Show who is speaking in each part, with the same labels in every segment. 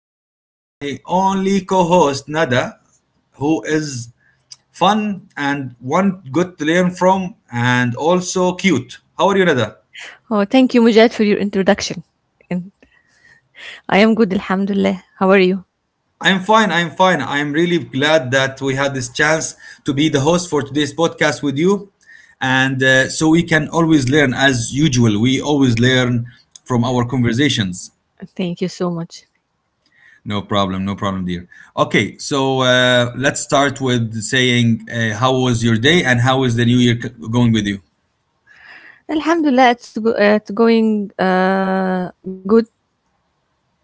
Speaker 1: I have my only co host, Nada, who is fun and one good to learn from, and also cute. How are you, Nada?
Speaker 2: Oh, thank you, Mujahid, for your introduction. And I am good, Alhamdulillah. How are you?
Speaker 1: I'm fine. I'm fine. I'm really glad that we had this chance to be the host for today's podcast with you. And so we can always learn, as usual, we always learn from our conversations.
Speaker 2: Thank you so much.
Speaker 1: No problem, no problem, dear. Okay, so let's start with saying how was your day and how is the new year going with you?
Speaker 2: Alhamdulillah, it's going good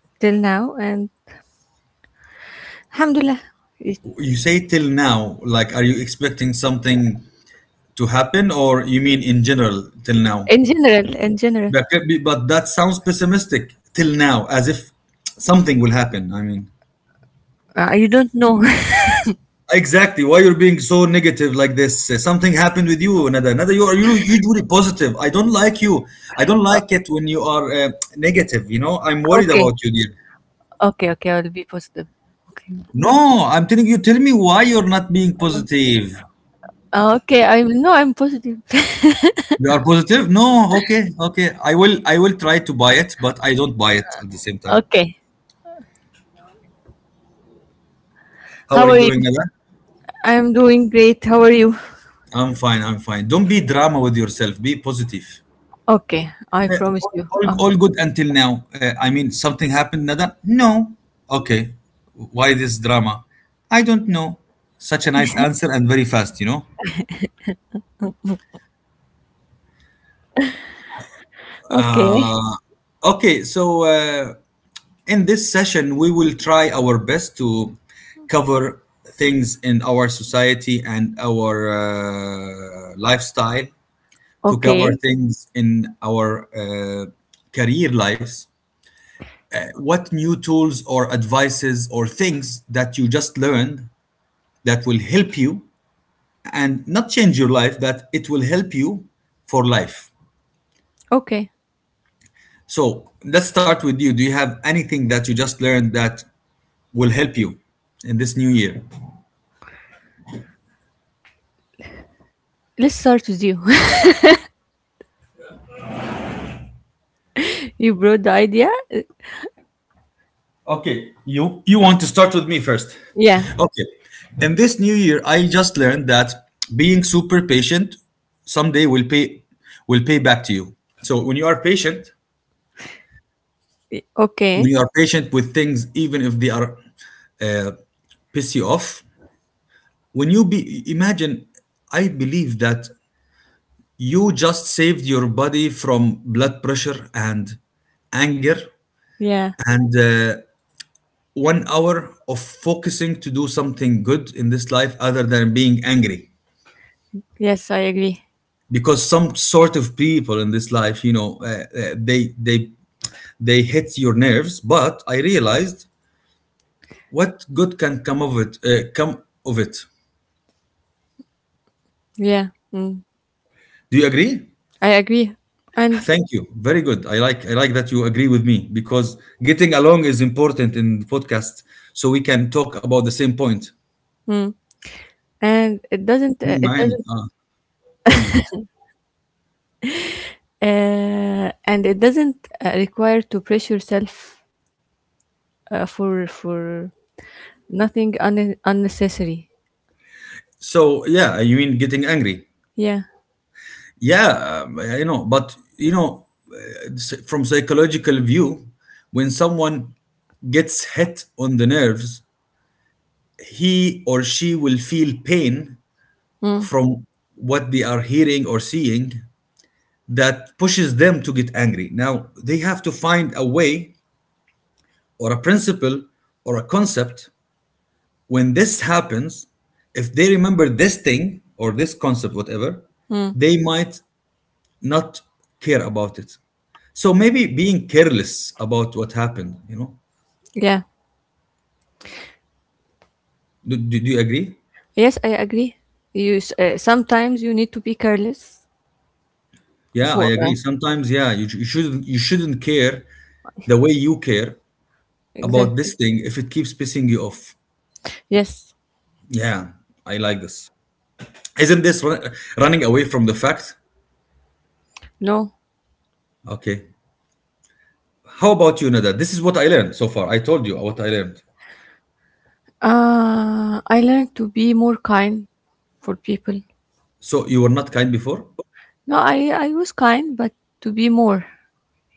Speaker 2: till now, and Alhamdulillah, it-
Speaker 1: You say till now, like, are you expecting something to happen or you mean in general till now?
Speaker 2: in general.
Speaker 1: That could be, but that sounds pessimistic till now, as if something will happen. I mean,
Speaker 2: I don't know.
Speaker 1: Exactly. Why you're being so negative like this? Something happened with you, Nada. Nada, you usually positive. I don't like you. I don't like it when you are negative. You know, I'm worried
Speaker 2: okay,
Speaker 1: about you, dear.
Speaker 2: okay. I will be positive. Okay,
Speaker 1: No, I'm telling you. Tell me why you're not being positive.
Speaker 2: Okay. I'm no, I'm positive.
Speaker 1: You are positive? No. Okay. Okay. I will. I will try to buy it, but I don't buy it at the same time.
Speaker 2: Okay.
Speaker 1: How are
Speaker 2: How
Speaker 1: you
Speaker 2: are
Speaker 1: doing,
Speaker 2: you?
Speaker 1: Nada?
Speaker 2: I am doing great. How are you?
Speaker 1: I'm fine. I'm fine. Don't be drama with yourself. Be positive.
Speaker 2: Okay, I
Speaker 1: Uh,
Speaker 2: promise
Speaker 1: all,
Speaker 2: you.
Speaker 1: all all good until now. I mean, something happened, Nada? No. Okay. Why this drama? I don't know. Such a nice answer and very fast, you know?
Speaker 2: Okay,
Speaker 1: Okay, so in this session, we will try our best to cover things in our society and our lifestyle, to cover
Speaker 2: okay,
Speaker 1: things in our career lives. What new tools or advices or things that you just learned that will help you and not change your life, that it will help you for life.
Speaker 2: okay.
Speaker 1: So let's start with you. Do you have anything that you just learned that will help you in this new year?
Speaker 2: Let's start with you. You brought the idea?
Speaker 1: Okay, you want to start with me first.
Speaker 2: Yeah.
Speaker 1: Okay. In this new year, I just learned that being super patient someday will pay back to you. So when you are patient, when
Speaker 2: Okay.
Speaker 1: you are patient with things, even if they are uh, piss you off, when you be imagine I believe that you just saved your body from blood pressure and anger
Speaker 2: Yeah.
Speaker 1: and 1 hour of focusing to do something good in this life other than being angry
Speaker 2: Yes, I agree.
Speaker 1: because some sort of people in this life you know uh, they they they hit your nerves but I realized what good can come of it come of it.
Speaker 2: Yeah. Mm.
Speaker 1: Do you agree?
Speaker 2: I agree. And
Speaker 1: Thank you. Very good. I like that you agree with me because getting along is important in the podcast so we can talk about the same point.
Speaker 2: mm, and it doesn't
Speaker 1: معانا. اه تمام.
Speaker 2: and it doesn't require to pressure yourself for nothing unnecessary.
Speaker 1: So yeah, you mean getting angry?
Speaker 2: Yeah.
Speaker 1: Yeah, you know, but you know, from psychological view, when someone gets hit on the nerves, he or she will feel pain
Speaker 2: Mm.
Speaker 1: from what they are hearing or seeing that pushes them to get angry. Now they have to find a way or a principle or a concept, when this happens, if they remember this thing or this concept, whatever,
Speaker 2: Mm.
Speaker 1: they might not care about it. So maybe being careless about what happened, you know.
Speaker 2: Yeah.
Speaker 1: Do you agree?
Speaker 2: Yes, I agree. Sometimes you need to be careless
Speaker 1: Yeah, I
Speaker 2: for
Speaker 1: agree. Sometimes, yeah, you shouldn't care the way you care about this
Speaker 2: exactly.
Speaker 1: thing if it keeps pissing you off.
Speaker 2: Yes.
Speaker 1: Yeah, I like this. Isn't this running away from the fact?
Speaker 2: No.
Speaker 1: Okay. How about you, Nada? This is what I learned so far. I told you what I learned.
Speaker 2: I learned to be more kind for people.
Speaker 1: So you were not kind before.
Speaker 2: No, I was kind, but to be more,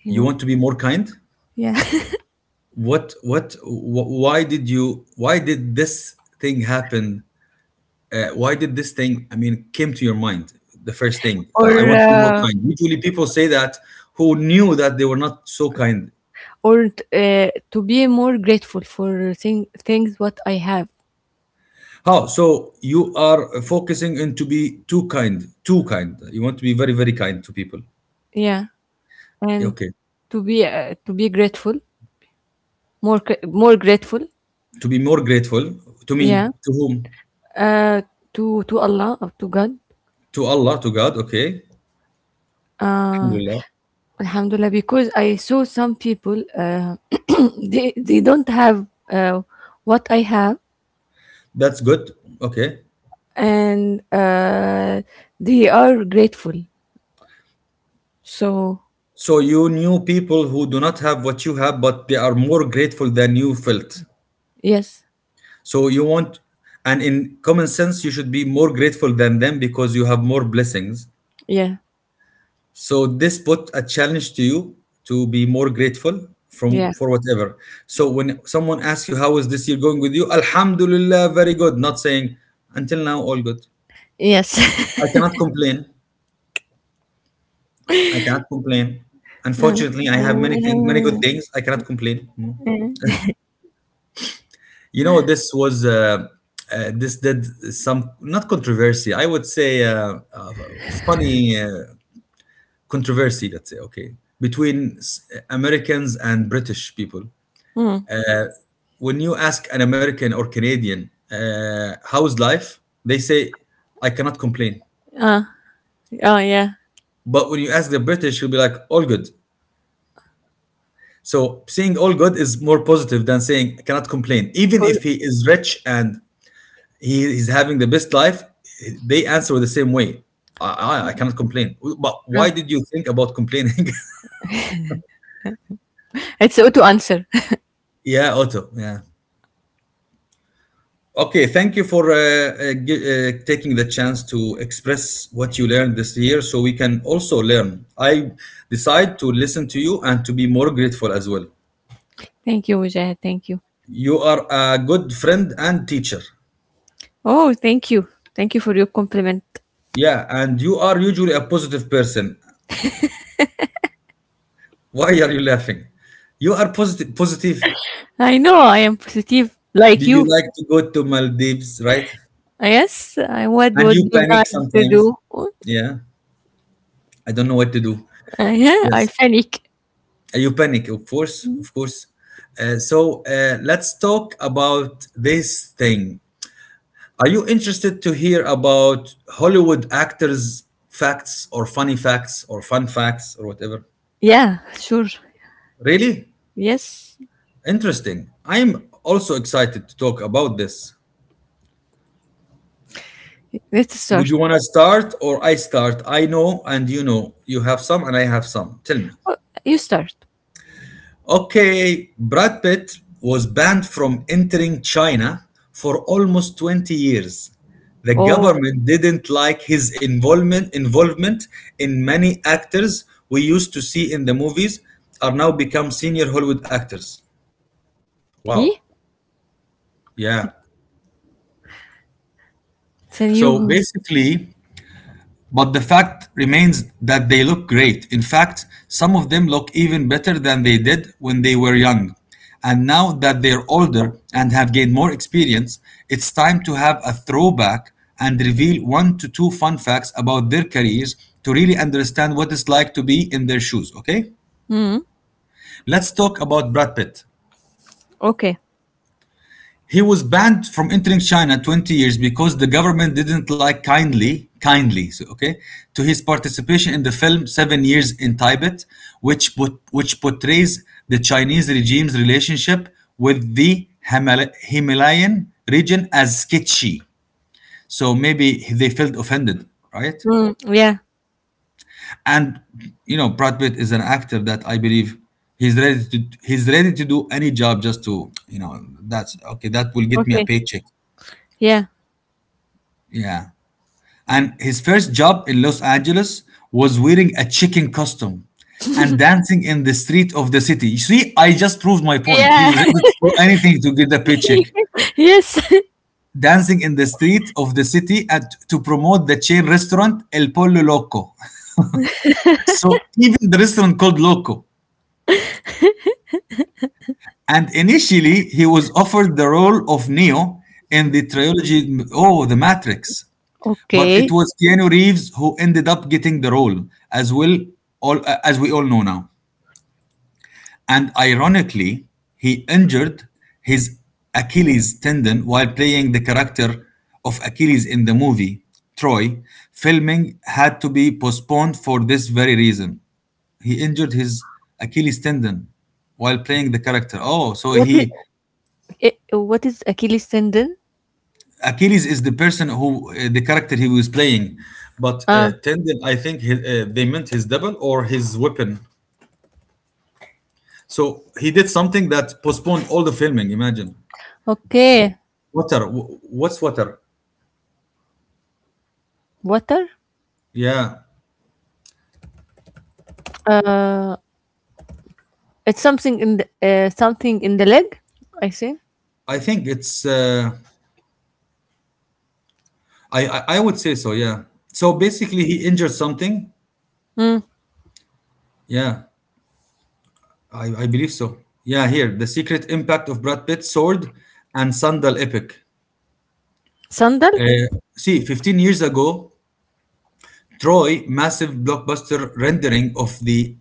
Speaker 2: you
Speaker 1: You
Speaker 2: know,
Speaker 1: want to be more kind.
Speaker 2: yeah,
Speaker 1: What? What? Why did you? Why did this thing happen? Why did this thing? I mean, came to your mind. The first thing.
Speaker 2: or
Speaker 1: I want to be more
Speaker 2: uh,
Speaker 1: kind. Usually, people say that who knew that they were not so kind.
Speaker 2: or to be more grateful for things what I have,
Speaker 1: How? So you are focusing in to be too kind, too kind. You want to be very, very kind to people.
Speaker 2: yeah, and
Speaker 1: Okay.
Speaker 2: to be grateful, more grateful,
Speaker 1: To be more grateful to
Speaker 2: yeah,
Speaker 1: mean to whom?
Speaker 2: uh, to Allah, or to God,
Speaker 1: To Allah, to God, okay.
Speaker 2: uh,
Speaker 1: Alhamdulillah.
Speaker 2: Alhamdulillah, because I saw some people. They don't have what I have
Speaker 1: That's good. Okay.
Speaker 2: and they are grateful. So
Speaker 1: So you knew people who do not have what you have, but they are more grateful than you felt.
Speaker 2: yes,
Speaker 1: So you want, and in common sense, you should be more grateful than them because you have more blessings.
Speaker 2: yeah,
Speaker 1: So this put a challenge to you to be more grateful from
Speaker 2: yeah,
Speaker 1: for whatever. So when someone asks you how is this year going with you, Alhamdulillah, very good. Not saying until now all good.
Speaker 2: yes.
Speaker 1: I cannot complain. I cannot complain.
Speaker 2: uh,
Speaker 1: Unfortunately, I have many things, many good
Speaker 2: uh,
Speaker 1: things. I cannot complain. No. You know, this did some not controversy. I would say funny controversy. Let's say okay between Americans and British people.
Speaker 2: uh,
Speaker 1: When you ask an American or Canadian how's life, they say I cannot complain.
Speaker 2: oh yeah.
Speaker 1: But when you ask the British, you'll be like all good. So saying all good is more positive than saying I cannot complain. Even
Speaker 2: For-
Speaker 1: if he is rich and he is having the best life, they answer the same way. I cannot complain. But why
Speaker 2: uh,
Speaker 1: did you think about complaining?
Speaker 2: it's so to answer.
Speaker 1: yeah, Otto. Yeah. Okay. Thank you for taking the chance to express what you learned this year, so we can also learn. I decide to listen to you and to be more grateful as well.
Speaker 2: Thank you, Mujahid. Thank you.
Speaker 1: You are a good friend and teacher.
Speaker 2: Oh, thank you. Thank you for your compliment.
Speaker 1: Yeah, and you are usually a positive person. Why are you laughing? You are positive. Positive.
Speaker 2: I know I am positive like
Speaker 1: You
Speaker 2: you.
Speaker 1: like to go to Maldives, right?
Speaker 2: Yes, I what
Speaker 1: And
Speaker 2: would
Speaker 1: you
Speaker 2: you
Speaker 1: panic
Speaker 2: like to
Speaker 1: sometimes.
Speaker 2: do?
Speaker 1: Yeah, I don't know what to do.
Speaker 2: Yeah, I
Speaker 1: Yes,
Speaker 2: panic.
Speaker 1: you panic, of course, of course. So let's talk about this thing. Are you interested to hear about Hollywood actors' facts or funny facts or fun facts or whatever?
Speaker 2: Yeah, sure.
Speaker 1: Really
Speaker 2: Yes,
Speaker 1: interesting. I'm also excited to talk about this.
Speaker 2: let's
Speaker 1: Would
Speaker 2: start.
Speaker 1: you want to start or I start? I know and you know. You have some and I have some. Tell me.
Speaker 2: Oh, you start.
Speaker 1: Okay, Brad Pitt was banned from entering China for almost 20 years. The
Speaker 2: Oh.
Speaker 1: government didn't like his involvement in many actors we used to see in the movies are now become senior Hollywood actors.
Speaker 2: He?
Speaker 1: Wow. Yeah.
Speaker 2: Sen
Speaker 1: So
Speaker 2: you?
Speaker 1: basically, but the fact remains that they look great. In fact, some of them look even better than they did when they were young. And now that they're older and have gained more experience, it's time to have a throwback and reveal one to two fun facts about their careers to really understand what it's like to be in their shoes, okay?
Speaker 2: Mm.
Speaker 1: Let's talk about Brad Pitt.
Speaker 2: Okay.
Speaker 1: He was banned from entering China 20 years because the government didn't like so, okay, to his participation in the film 7 Years in Tibet, which portrays the Chinese regime's relationship with the Himalayan region as sketchy. So maybe they felt offended, right?
Speaker 2: Mm. Yeah.
Speaker 1: And you know, Brad Pitt is an actor that I believe he's ready to do any job just to you know that's okay. That will get me a
Speaker 2: Okay.
Speaker 1: paycheck.
Speaker 2: Yeah.
Speaker 1: Yeah. And his first job in Los Angeles was wearing a chicken costume and dancing in the street of the city. You see, I just proved my point. He's
Speaker 2: Yeah.
Speaker 1: ready to do anything to get a paycheck.
Speaker 2: Yes.
Speaker 1: Dancing in the street of the city at, to promote the chain restaurant El Pollo Loco. So even the restaurant called Loco. And initially, he was offered the role of Neo in the trilogy, oh, The Matrix. But
Speaker 2: Okay.
Speaker 1: it was Keanu Reeves who ended up getting the role, as well, as we all know now. And ironically, he injured his Achilles tendon while playing the character of Achilles in the movie Troy. Filming had to be postponed for this very reason. He injured his Achilles tendon while playing the character. Oh, so
Speaker 2: What is
Speaker 1: he
Speaker 2: what is Achilles tendon?
Speaker 1: Achilles is the person who the character he was playing, but
Speaker 2: Ah.
Speaker 1: tendon I think they meant his double or his weapon. So he did something that postponed all the filming. Imagine
Speaker 2: Okay.
Speaker 1: water. What's water?
Speaker 2: Water?
Speaker 1: Yeah,
Speaker 2: Uh it's something in the leg, I think.
Speaker 1: I think it's. I I would say so. Yeah. So basically, he injured something.
Speaker 2: Mm.
Speaker 1: Yeah, I believe so. Yeah, here the secret impact of Brad Pitt's sword and sandal epic.
Speaker 2: Sandal?
Speaker 1: Uh, 15 years ago, Troy massive blockbuster rendering of the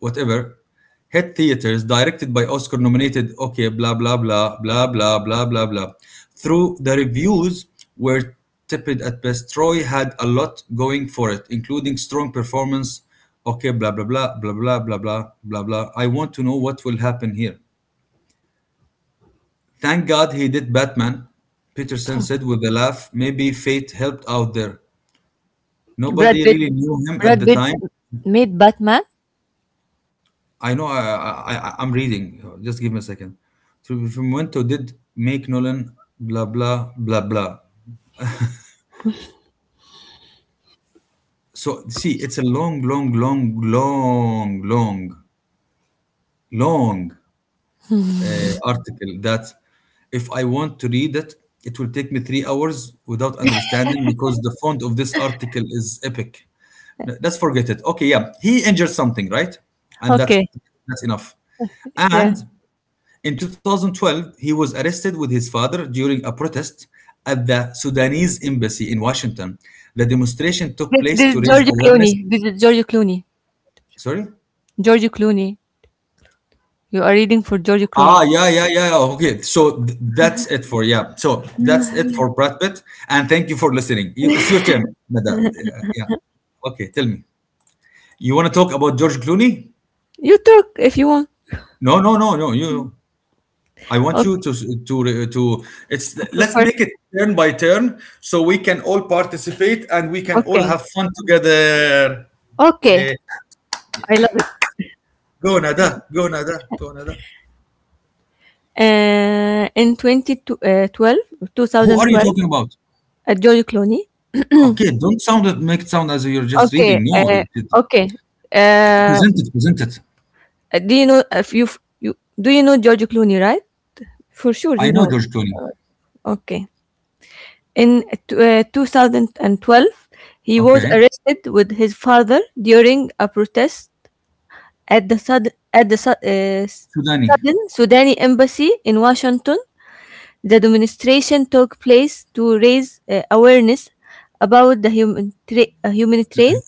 Speaker 1: whatever hit theaters, directed by Oscar nominated, okay, blah blah blah blah blah blah blah blah. Through the reviews were tepid at best, Troy had a lot going for it including strong performance, okay, blah blah blah blah blah blah blah blah blah. I want to know what will happen here. Thank God he did Batman, Peterson said with a laugh. Maybe fate helped out there, nobody
Speaker 2: Brad Pitt
Speaker 1: really knew him at
Speaker 2: Brad
Speaker 1: the
Speaker 2: Pitt
Speaker 1: time.
Speaker 2: made Batman?
Speaker 1: I know. I'm reading. Just give me a second. So Fumento did make Nolan, blah blah blah blah. So see, it's a long, long, long, long, long, long article that if I want to read it, it will take me 3 hours without understanding, because the font of this article is epic. Let's forget it. Okay, yeah, he injured something, right? And that's
Speaker 2: Okay.
Speaker 1: that's enough. And
Speaker 2: Yeah.
Speaker 1: in 2012, he was arrested with his father during a protest at the Sudanese embassy in Washington. The demonstration took place to
Speaker 2: This is
Speaker 1: raise
Speaker 2: Giorgio
Speaker 1: awareness.
Speaker 2: Clooney. This is Giorgio Clooney.
Speaker 1: Sorry?
Speaker 2: Giorgio Clooney. You are reading for Giorgio
Speaker 1: Ah,
Speaker 2: Clooney.
Speaker 1: yeah, yeah, yeah, yeah. Okay. So that's it for, yeah. So that's it for Brad Pitt. And thank you for listening. It's your turn, Nada. Yeah, yeah. Okay. Tell me. You want to talk about George Clooney?
Speaker 2: You talk if you want.
Speaker 1: No, no, no, no. You. I want you to it's let's
Speaker 2: Prefers
Speaker 1: make it turn by turn so we can all participate and we can all
Speaker 2: okay.
Speaker 1: have fun together.
Speaker 2: Okay,
Speaker 1: Eh,
Speaker 2: I love it.
Speaker 1: go Nada, go Nada, go Nada.
Speaker 2: In 22,
Speaker 1: Who are you talking about?
Speaker 2: George Clooney.
Speaker 1: Okay, don't sound it, make it sound as if you're just
Speaker 2: Okay,
Speaker 1: reading. No,
Speaker 2: uh, okay. Uh,
Speaker 1: present it, present it.
Speaker 2: do you know if you you do you know George Clooney, right? For sure,
Speaker 1: I
Speaker 2: you
Speaker 1: know
Speaker 2: know.
Speaker 1: George Clooney.
Speaker 2: Okay. In 2012, he was
Speaker 1: Okay,
Speaker 2: arrested with his father during a protest at the Sud-
Speaker 1: Sudani,
Speaker 2: sudden Sudanese embassy in Washington. The demonstration took place to raise awareness about the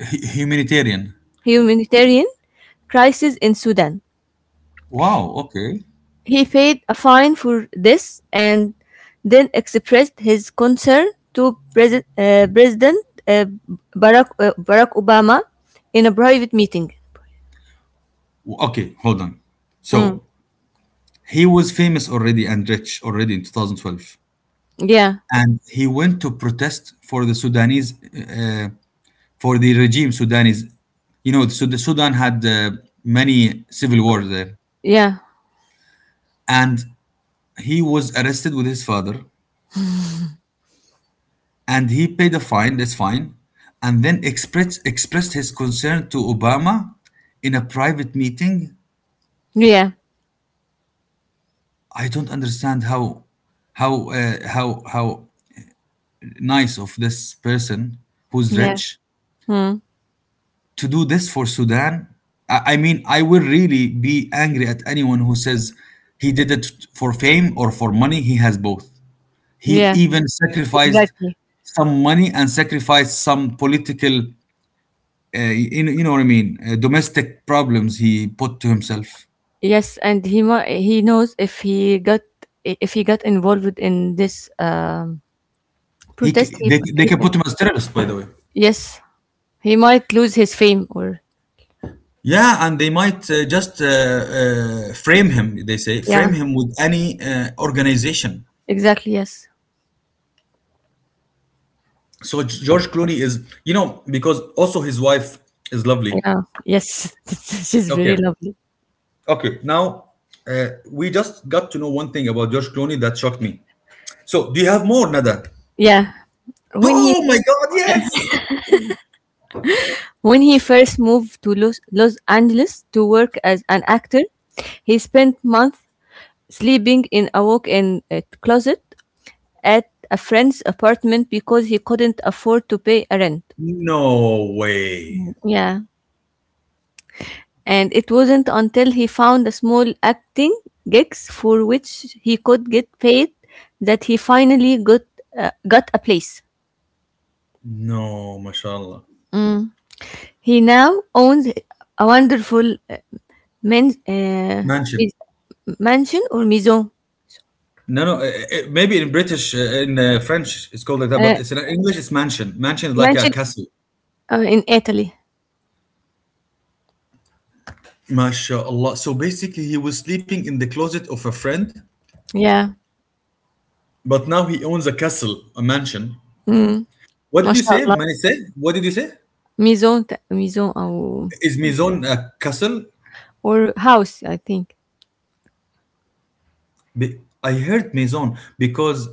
Speaker 1: Humanitarian.
Speaker 2: humanitarian crisis in Sudan.
Speaker 1: Wow. Okay.
Speaker 2: He paid a fine for this and then expressed his concern to President Barack Obama in a private meeting.
Speaker 1: Okay, hold on.
Speaker 2: Mm.
Speaker 1: So he was famous already and rich already in 2012,
Speaker 2: Yeah,
Speaker 1: and he went to protest for the Sudanese, for the regime Sudanese. You know, so the Sudan had many civil wars there,
Speaker 2: yeah,
Speaker 1: and he was arrested with his father, and he paid a fine. That's fine, and then expressed his concern to Obama in a private meeting.
Speaker 2: yeah,
Speaker 1: I don't understand how how nice of this person who's
Speaker 2: yeah,
Speaker 1: rich
Speaker 2: mm,
Speaker 1: to do this for Sudan. I mean, I will really be angry at anyone who says he did it for fame or for money. He has both. He
Speaker 2: yeah,
Speaker 1: even sacrificed
Speaker 2: exactly.
Speaker 1: some money and sacrificed some political, you know, you know what I mean, domestic problems he put to himself.
Speaker 2: Yes, and he knows if he got involved in this protest,
Speaker 1: They can
Speaker 2: he-
Speaker 1: put him as terrorist, by the way.
Speaker 2: yes, he might lose his fame. Or
Speaker 1: Yeah, and they might just frame him, they say,
Speaker 2: yeah,
Speaker 1: frame him with any organization.
Speaker 2: exactly. Yes,
Speaker 1: So George Clooney is, you know, because also his wife is lovely.
Speaker 2: yeah, yes. She's
Speaker 1: Okay,
Speaker 2: very lovely.
Speaker 1: okay. Now we just got to know one thing about George Clooney that shocked me. So do you have more, Nada?
Speaker 2: Yeah, when he
Speaker 1: Oh my God! Yes.
Speaker 2: when he first moved to Los Angeles to work as an actor, he spent months sleeping in a walk-in closet at a friend's apartment because he couldn't afford to pay a rent.
Speaker 1: No way.
Speaker 2: Yeah. And it wasn't until he found a small acting gigs for which he could get paid that he finally got a place.
Speaker 1: No, mashallah.
Speaker 2: Mm. He now owns a wonderful men, uh,
Speaker 1: Mansion.
Speaker 2: mansion or maison
Speaker 1: No, no. Maybe in British, in French, it's called like that,
Speaker 2: uh,
Speaker 1: but it's in English, it's mansion. Mansion is like a
Speaker 2: mansion
Speaker 1: castle.
Speaker 2: in Italy.
Speaker 1: MashaAllah. So basically, he was sleeping in the closet of a friend,
Speaker 2: Yeah.
Speaker 1: but now he owns a castle, a mansion.
Speaker 2: Mm.
Speaker 1: What
Speaker 2: ما
Speaker 1: did you say, Manisai? What did you say?
Speaker 2: maison
Speaker 1: Is Maison a castle?
Speaker 2: or house I think.
Speaker 1: I heard Maison because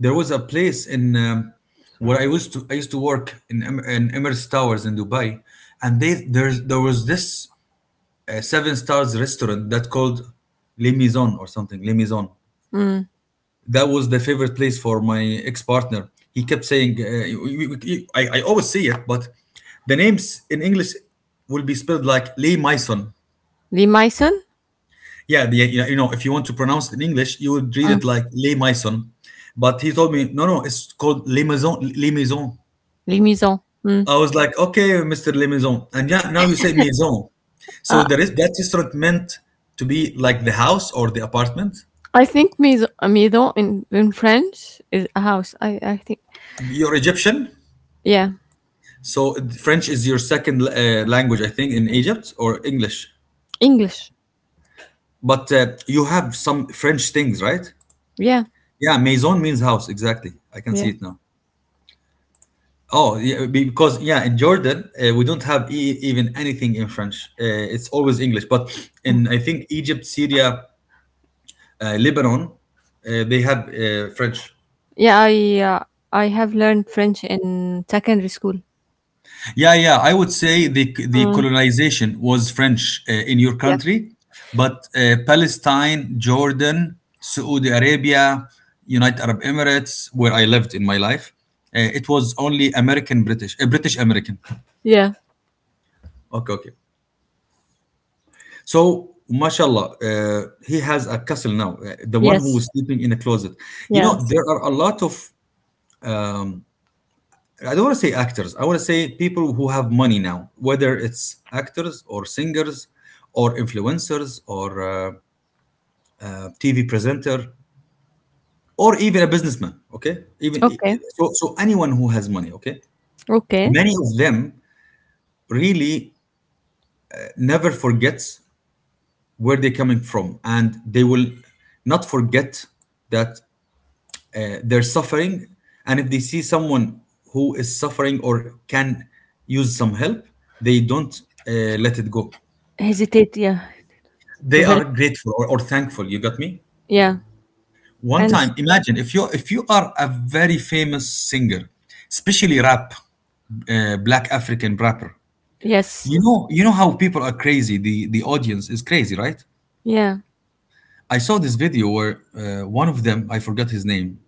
Speaker 1: there was a place in where I used to work in in Emirates Towers in Dubai, and they there's there was this seven stars restaurant that called Les Maison or something Les Maison.
Speaker 2: Mm.
Speaker 1: That was the favorite place for my ex partner. He kept saying, I always say it, but the names in English will be spelled like Les Maison.
Speaker 2: Les maison.
Speaker 1: Yeah, the, you know, if you want to pronounce it in English, you would read
Speaker 2: Mm.
Speaker 1: it like Le Maison. But he told me, no, no, it's called Le Maison, Le Maison.
Speaker 2: Les maison. Mm.
Speaker 1: I was like, okay, Mr. Le Maison. And yeah, now you say Maison. So
Speaker 2: Uh,
Speaker 1: there is that restaurant meant to be like the house or the apartment.
Speaker 2: I think maison in French is a house. I think
Speaker 1: You're Egyptian.
Speaker 2: yeah.
Speaker 1: So French is your second language, I think, in Egypt, or English.
Speaker 2: English.
Speaker 1: But you have some French things, right?
Speaker 2: Yeah.
Speaker 1: Yeah, Maison means house. Exactly. I can see
Speaker 2: Yeah.
Speaker 1: it now. Oh, yeah, because yeah, in Jordan we don't have even anything in French. It's always English. But in I think Egypt, Syria, Lebanon, they have French.
Speaker 2: Yeah, I have learned French in secondary school.
Speaker 1: Yeah, yeah. I would say the
Speaker 2: Mm.
Speaker 1: colonization was French in your
Speaker 2: Yeah.
Speaker 1: country, but Palestine, Jordan, Saudi Arabia, United Arab Emirates, where I lived in my life, it was only American British, British American.
Speaker 2: Yeah.
Speaker 1: Okay, okay. So, mashallah, he has a castle now. The one who
Speaker 2: Yes.
Speaker 1: was sleeping in a closet. You know,
Speaker 2: Yes.
Speaker 1: there are a lot of, I don't want to say actors, I want to say people who have money now, whether it's actors or singers or influencers or TV presenter or even a businessman. Okay. Even
Speaker 2: Okay.
Speaker 1: anyone who has money. Okay.
Speaker 2: Okay.
Speaker 1: Many of them really never forgets where they're coming from, and they will not forget that their suffering, and if they see someone who is suffering or can use some help, they don't uh, let it go.
Speaker 2: Hesitate, yeah. To
Speaker 1: They
Speaker 2: help.
Speaker 1: are grateful or thankful, you got me?
Speaker 2: Yeah.
Speaker 1: One
Speaker 2: And
Speaker 1: time, imagine if you are a very famous singer, especially rap, black african rapper.
Speaker 2: yes.
Speaker 1: You know, you know how people are crazy, the audience is crazy, right?
Speaker 2: Yeah.
Speaker 1: I saw this video where one of them, I forgot his name,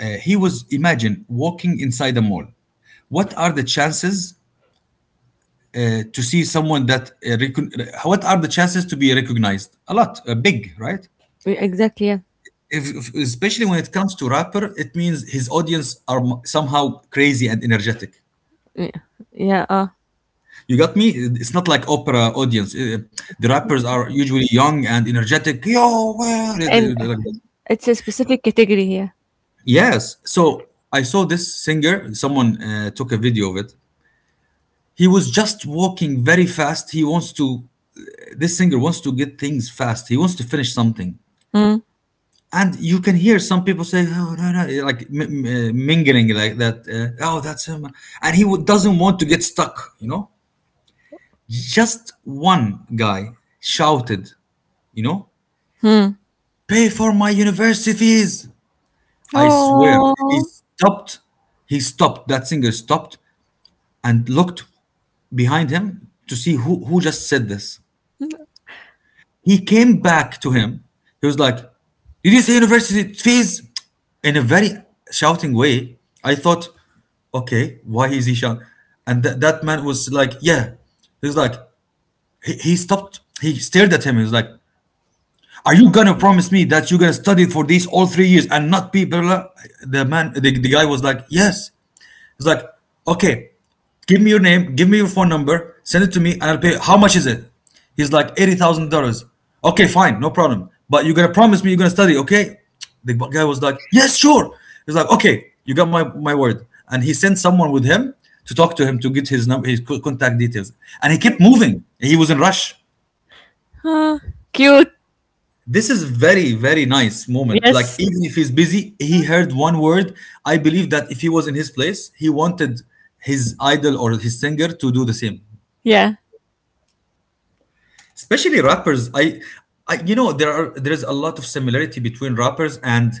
Speaker 1: he was imagine walking inside a mall. What are the chances to see someone that recon- what are the chances to be recognized a lot, big, right?
Speaker 2: Yeah, exactly. Yeah.
Speaker 1: Especially when it comes to rapper, it means his audience are somehow crazy and energetic,
Speaker 2: Yeah. Yeah.
Speaker 1: you got me? It's not like opera audience. The rappers are usually young and energetic, yo, well, like
Speaker 2: And
Speaker 1: that.
Speaker 2: it's a specific category here.
Speaker 1: Yes. So I saw this singer, someone took a video of it. He was just walking very fast, he wants to, this singer wants to get things fast, he wants to finish something,
Speaker 2: Mm.
Speaker 1: and you can hear some people say, oh no no, like mingling like that, oh that's him. And doesn't want to get stuck, you know. Just one guy shouted, you know,
Speaker 2: Hmm.
Speaker 1: pay for my university fees. I swear, he
Speaker 2: Oh.
Speaker 1: stopped. That singer stopped, and looked behind him to see who just said this. He came back to him. He was like, did you say university fees? In a very shouting way. I thought, okay, why is he shouting? And that man was like, yeah. He was like, he stopped. He stared at him. He was like, are you going to promise me that you're going to study for these all 3 years and not be, blah, blah, blah? The man, the guy was like, yes. He's like, okay, give me your name, give me your phone number, send it to me, and I'll pay. How much is it? He's like $80,000. Okay, fine, no problem. But you're gonna promise me you're gonna study, okay? The guy was like, yes, sure. He's like, okay, you got my word. And he sent someone with him to talk to him to get his number, his contact details. And he kept moving. He was in rush.
Speaker 2: Huh. Cute.
Speaker 1: This is very very nice moment. Like
Speaker 2: Yes.
Speaker 1: even if he's busy, he heard one word. I believe that if he was in his place, he wanted his idol or his singer to do the same.
Speaker 2: Yeah.
Speaker 1: Especially rappers. I you know, there is a lot of similarity between rappers and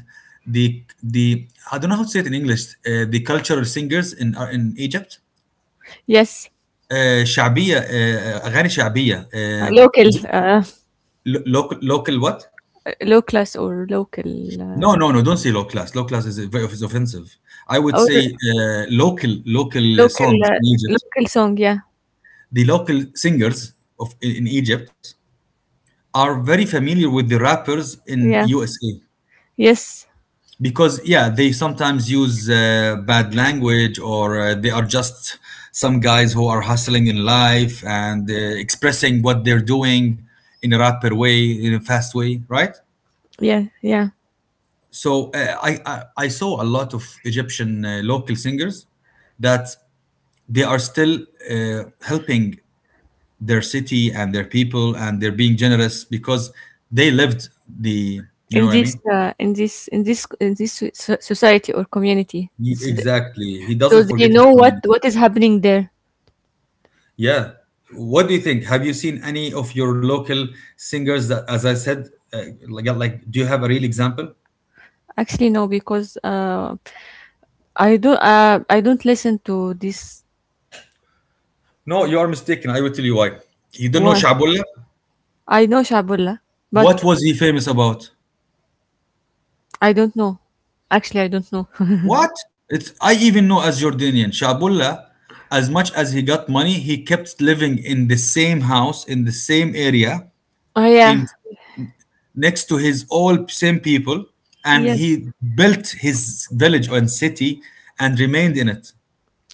Speaker 1: the the I don't know how to say it in english, the cultural singers in Egypt,
Speaker 2: Yes,
Speaker 1: شعبية, أغاني شعبية,
Speaker 2: local,
Speaker 1: is it local, local what?
Speaker 2: low class
Speaker 1: No,
Speaker 2: um,
Speaker 1: no, no, don't say low class. Low class is very is offensive. I would
Speaker 2: or
Speaker 1: say local, local
Speaker 2: local,
Speaker 1: songs in Egypt.
Speaker 2: local song. Yeah,
Speaker 1: The local singers of in Egypt are very familiar with the rappers in
Speaker 2: yeah,
Speaker 1: USA.
Speaker 2: yes,
Speaker 1: Because yeah, they sometimes use bad language, or they are just some guys who are hustling in life, and expressing what they're doing in a rapid way, in a fast way, right?
Speaker 2: yeah.
Speaker 1: So I saw a lot of egyptian local singers that they are still helping their city and their people, and they're being generous because they lived the, you know
Speaker 2: In
Speaker 1: what I
Speaker 2: this,
Speaker 1: mean.
Speaker 2: in this, in this, in this society or community,
Speaker 1: He-
Speaker 2: it's-
Speaker 1: exactly he
Speaker 2: so
Speaker 1: doesn't
Speaker 2: do you
Speaker 1: forget his
Speaker 2: know
Speaker 1: community.
Speaker 2: what is happening there?
Speaker 1: Yeah. What do you think? Have you seen any of your local singers that, as I said, uh, like, do you have a real example?
Speaker 2: Actually, no, because I don't listen to this.
Speaker 1: No, you are mistaken. I will tell you why. You don't know
Speaker 2: Why?
Speaker 1: Shabullah?
Speaker 2: I know Shabullah,
Speaker 1: What
Speaker 2: but
Speaker 1: was he famous about?
Speaker 2: I don't know. Actually, I don't know.
Speaker 1: What? It's I even know as Jordanian. Shabullah, as much as he got money, he kept living in the same house, in the same area,
Speaker 2: Oh
Speaker 1: in
Speaker 2: yeah,
Speaker 1: next to his all same people, and
Speaker 2: yes.
Speaker 1: he built his village and city and remained in it.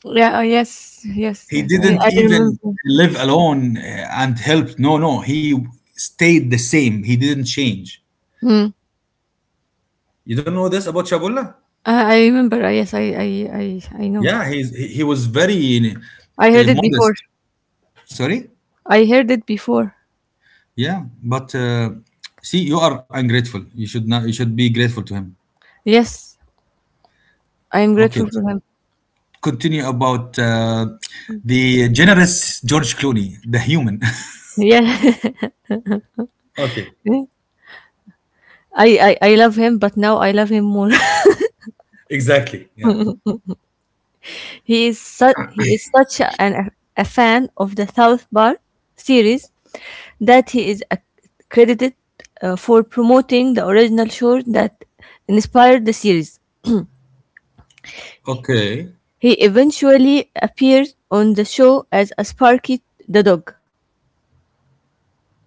Speaker 2: Yeah. Yes. Yes.
Speaker 1: He
Speaker 2: Yes.
Speaker 1: didn't
Speaker 2: I remember.
Speaker 1: even live alone and helped. No, no, he stayed the same. He didn't change.
Speaker 2: Hmm.
Speaker 1: You don't know this about Shabulla?
Speaker 2: I remember. Yes. I know.
Speaker 1: Yeah, he was very
Speaker 2: I heard it before.
Speaker 1: modest. Sorry?
Speaker 2: I heard it before.
Speaker 1: Yeah, but see, you are ungrateful. You should not. You should be grateful to him.
Speaker 2: Yes. I am
Speaker 1: Okay,
Speaker 2: grateful for him.
Speaker 1: continue about the generous George Clooney, the human.
Speaker 2: Yeah.
Speaker 1: Okay,
Speaker 2: I love him, but now I love him more.
Speaker 1: exactly. Yeah.
Speaker 2: He is such an a fan of the South Bar series that he is credited for promoting the original show that inspired the series.
Speaker 1: Okay.
Speaker 2: He eventually appeared on the show as a Sparky the dog.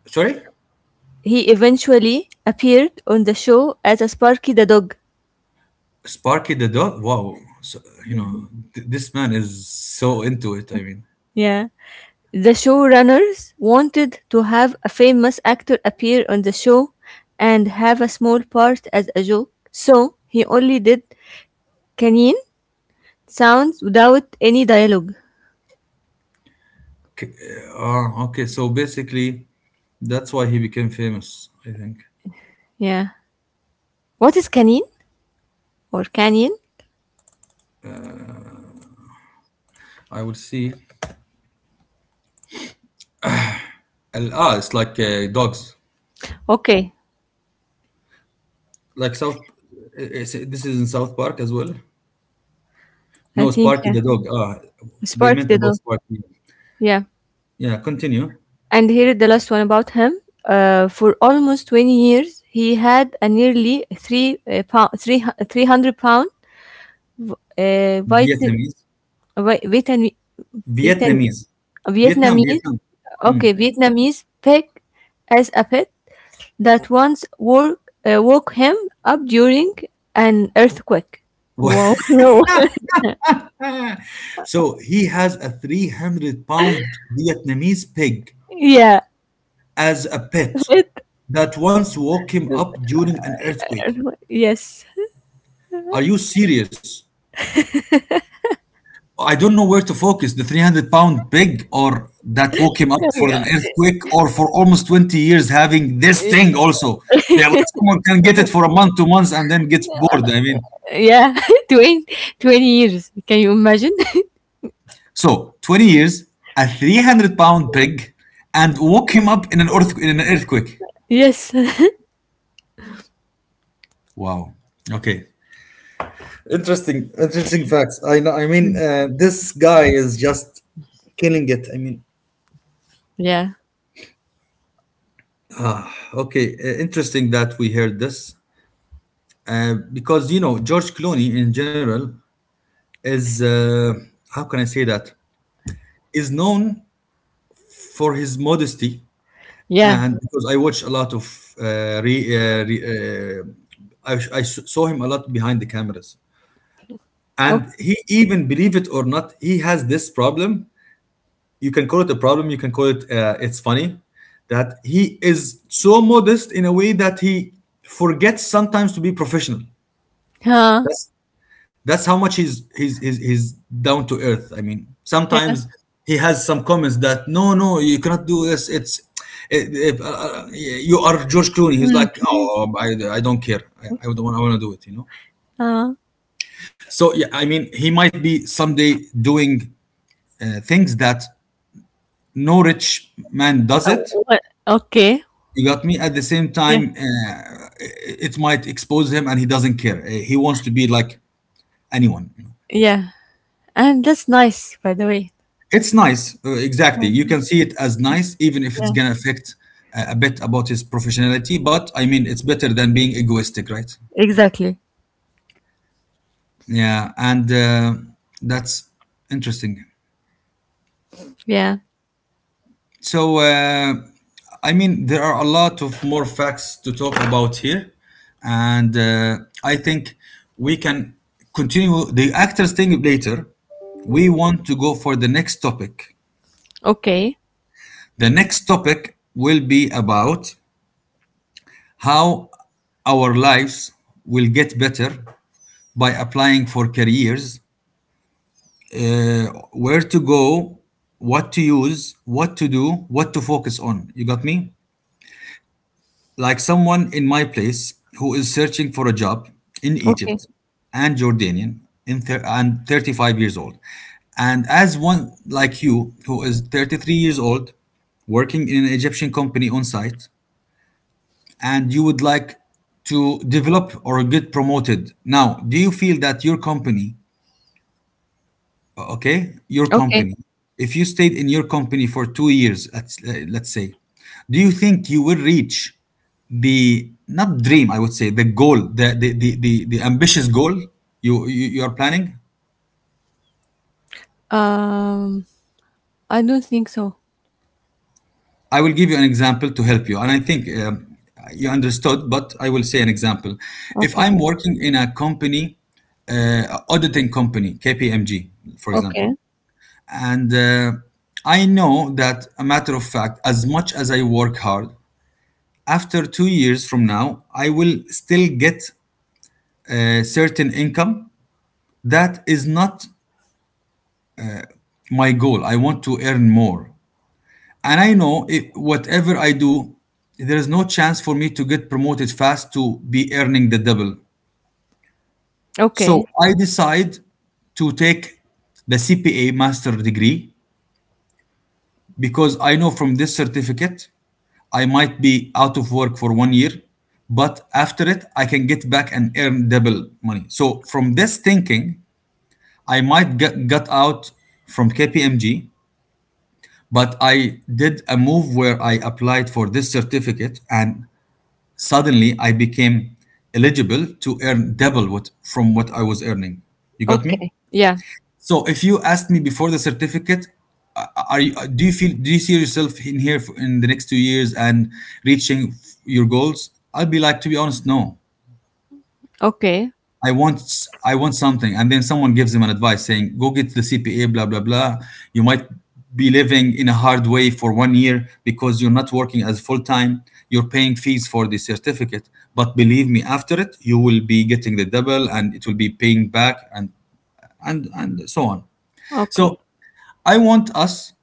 Speaker 1: Sorry.
Speaker 2: He eventually appeared on the show as a Sparky the dog.
Speaker 1: Sparky the dog. Wow, so, you know this man is so into it. I mean,
Speaker 2: Yeah. The showrunners wanted to have a famous actor appear on the show and have a small part as a joke, so he only did canine sounds without any dialogue.
Speaker 1: K- okay. So basically, that's why he became famous. I think
Speaker 2: Yeah. What is canine or canyon?
Speaker 1: I would see. Ah, it's like dogs,
Speaker 2: Okay,
Speaker 1: like South. This is in South Park as well.
Speaker 2: I
Speaker 1: No,
Speaker 2: think
Speaker 1: Sparky
Speaker 2: yeah.
Speaker 1: the dog. Ah, they
Speaker 2: Spark
Speaker 1: meant
Speaker 2: the
Speaker 1: about
Speaker 2: dog.
Speaker 1: Sparky.
Speaker 2: Yeah.
Speaker 1: Yeah, continue.
Speaker 2: And here is the last one about him. For almost 20 years, he had a nearly three pound, three, 300 pound uh, Viet-
Speaker 1: Vietnamese,
Speaker 2: Vi- Vietnam, Vietnam,
Speaker 1: Vietnamese, Vietnam,
Speaker 2: Vietnamese,
Speaker 1: Vietnam. Mm.
Speaker 2: okay, Vietnamese pig as a pet that once woke him up during an earthquake. Wow. No.
Speaker 1: So he has a 300 pound Vietnamese pig
Speaker 2: Yeah.
Speaker 1: as a pet
Speaker 2: Pet.
Speaker 1: that once woke him up during an earthquake.
Speaker 2: Yes.
Speaker 1: Are you serious? I don't know where to focus the 300 pound pig or that woke him up for
Speaker 2: Yeah.
Speaker 1: an earthquake or for almost 20 years having this thing also. Yeah, like someone can get it for a month, 2 months, and then gets bored. I mean,
Speaker 2: yeah. 20, 20 years. Can you imagine?
Speaker 1: so 20 years, a 300 pound pig, and woke him up in in an earthquake.
Speaker 2: Yes.
Speaker 1: Wow. Okay. Interesting, interesting facts. I know. I mean, this guy is just killing it. I mean,
Speaker 2: Yeah.
Speaker 1: okay, interesting that we heard this because you know George Clooney in general is how can I say that, is known for his modesty.
Speaker 2: Yeah.
Speaker 1: And because I watch a lot of uh, I, saw him a lot behind the cameras. And
Speaker 2: Okay.
Speaker 1: he, even believe it or not, he has this problem. You can call it a problem, you can call it it's funny, that he is so modest in a way that he forgets sometimes to be professional.
Speaker 2: Huh.
Speaker 1: That's that's how much he's down to earth. I mean,
Speaker 2: Yeah.
Speaker 1: sometimes he has some comments that no, no, you cannot do this. It's it, you are George Clooney. He's
Speaker 2: Mm.
Speaker 1: like, "Oh, I don't care. I don't want, I want to do it, you know."
Speaker 2: Huh.
Speaker 1: So yeah, I mean he might be someday doing things that no rich man does
Speaker 2: Oh,
Speaker 1: it.
Speaker 2: what? Okay.
Speaker 1: You got me? At the same
Speaker 2: Yeah.
Speaker 1: time, it might expose him, and he doesn't care. He wants to be like anyone, you know.
Speaker 2: Yeah. And that's nice, by the way.
Speaker 1: It's nice, exactly. You can see it as nice, even if it's gonna affect a bit about his professionality. But I mean, it's better than being egoistic, right?
Speaker 2: Exactly.
Speaker 1: Yeah, and that's interesting.
Speaker 2: Yeah.
Speaker 1: So, I mean, there are a lot of more facts to talk about here, and I think we can continue the actors thing later. We want to go for the next topic.
Speaker 2: Okay.
Speaker 1: The next topic will be about how our lives will get better by applying for careers, uh, where to go, what to use, what to do, what to focus on. You got me? Like someone in my place who is searching for a job in
Speaker 2: Okay.
Speaker 1: Egypt and Jordanian in thir- and 35 years old. And as one like you who is 33 years old working in an Egyptian company on site, and you would like to develop or get promoted. Now, do you feel that your company, okay your
Speaker 2: Okay.
Speaker 1: company, if you stayed in your company for 2 years, let's say, do you think you will reach the not dream, I would say the goal, the ambitious goal you are planning?
Speaker 2: Um, I don't think so.
Speaker 1: I will give you an example to help you, and I think you understood, but I will say an example. If
Speaker 2: Okay.
Speaker 1: I'm working in a company, auditing company KPMG for example,
Speaker 2: Okay.
Speaker 1: and I know that, a matter of fact, as much as I work hard, after 2 years from now, I will still get a certain income. That is not my goal. I want to earn more. And I know it, whatever I do, there is no chance for me to get promoted fast to be earning the double.
Speaker 2: Okay.
Speaker 1: So I decide to take the CPA master degree, because I know from this certificate I might be out of work for 1 year, but after it, I can get back and earn double money. So, from this thinking, got out from KPMG, but I did a move where I applied for this certificate, and suddenly I became eligible to earn double what from what I was earning. You got me?
Speaker 2: Okay. Yeah.
Speaker 1: So if you asked me before the certificate, are you, do you feel, do you see yourself in here for, in the next 2 years and reaching your goals? I'll be like, to be honest, no.
Speaker 2: Okay.
Speaker 1: I want I want something, and then someone gives him an advice saying, "Go get the CPA, blah blah blah." You might be living in a hard way for 1 year because you're not working as full time. You're paying fees for the certificate, but believe me, after it, you will be getting the double, and it will be paying back, and so on.
Speaker 2: Okay.
Speaker 1: So, I want us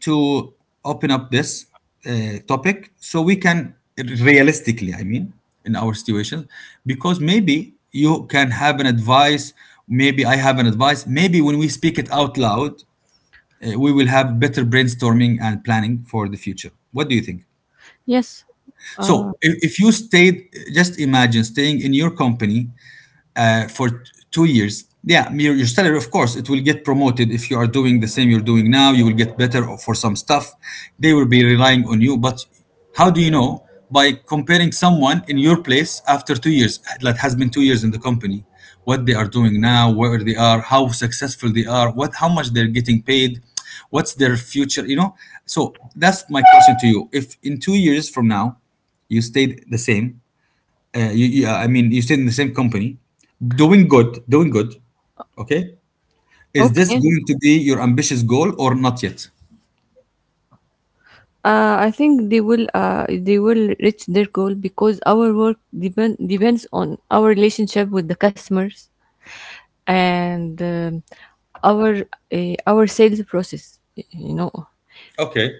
Speaker 1: to open up this topic so we can realistically, I mean, in our situation, because maybe you can have an advice, maybe I have an advice, maybe when we speak it out loud, we will have better brainstorming and planning for the future. What do you think?
Speaker 2: Yes. Uh,
Speaker 1: So if you stayed, just imagine staying in your company uh, for t- 2 years. Yeah, your salary of course it will get promoted. If you are doing the same you're doing now, you will get better for some stuff. They will be relying on you, but how do you know? By comparing someone in your place after 2 years, that has been 2 years in the company, what they are doing now, where they are, how successful they are, what how much they're getting paid, what's their future, you know. So that's my question to you. If in 2 years from now you stayed the same, I mean, you stayed in the same company, doing good, doing good. Okay. Is this
Speaker 2: okay.
Speaker 1: going to be your ambitious goal or not yet?
Speaker 2: I think they will reach their goal because our work depends on our relationship with the customers and our our sales process you know,
Speaker 1: Okay.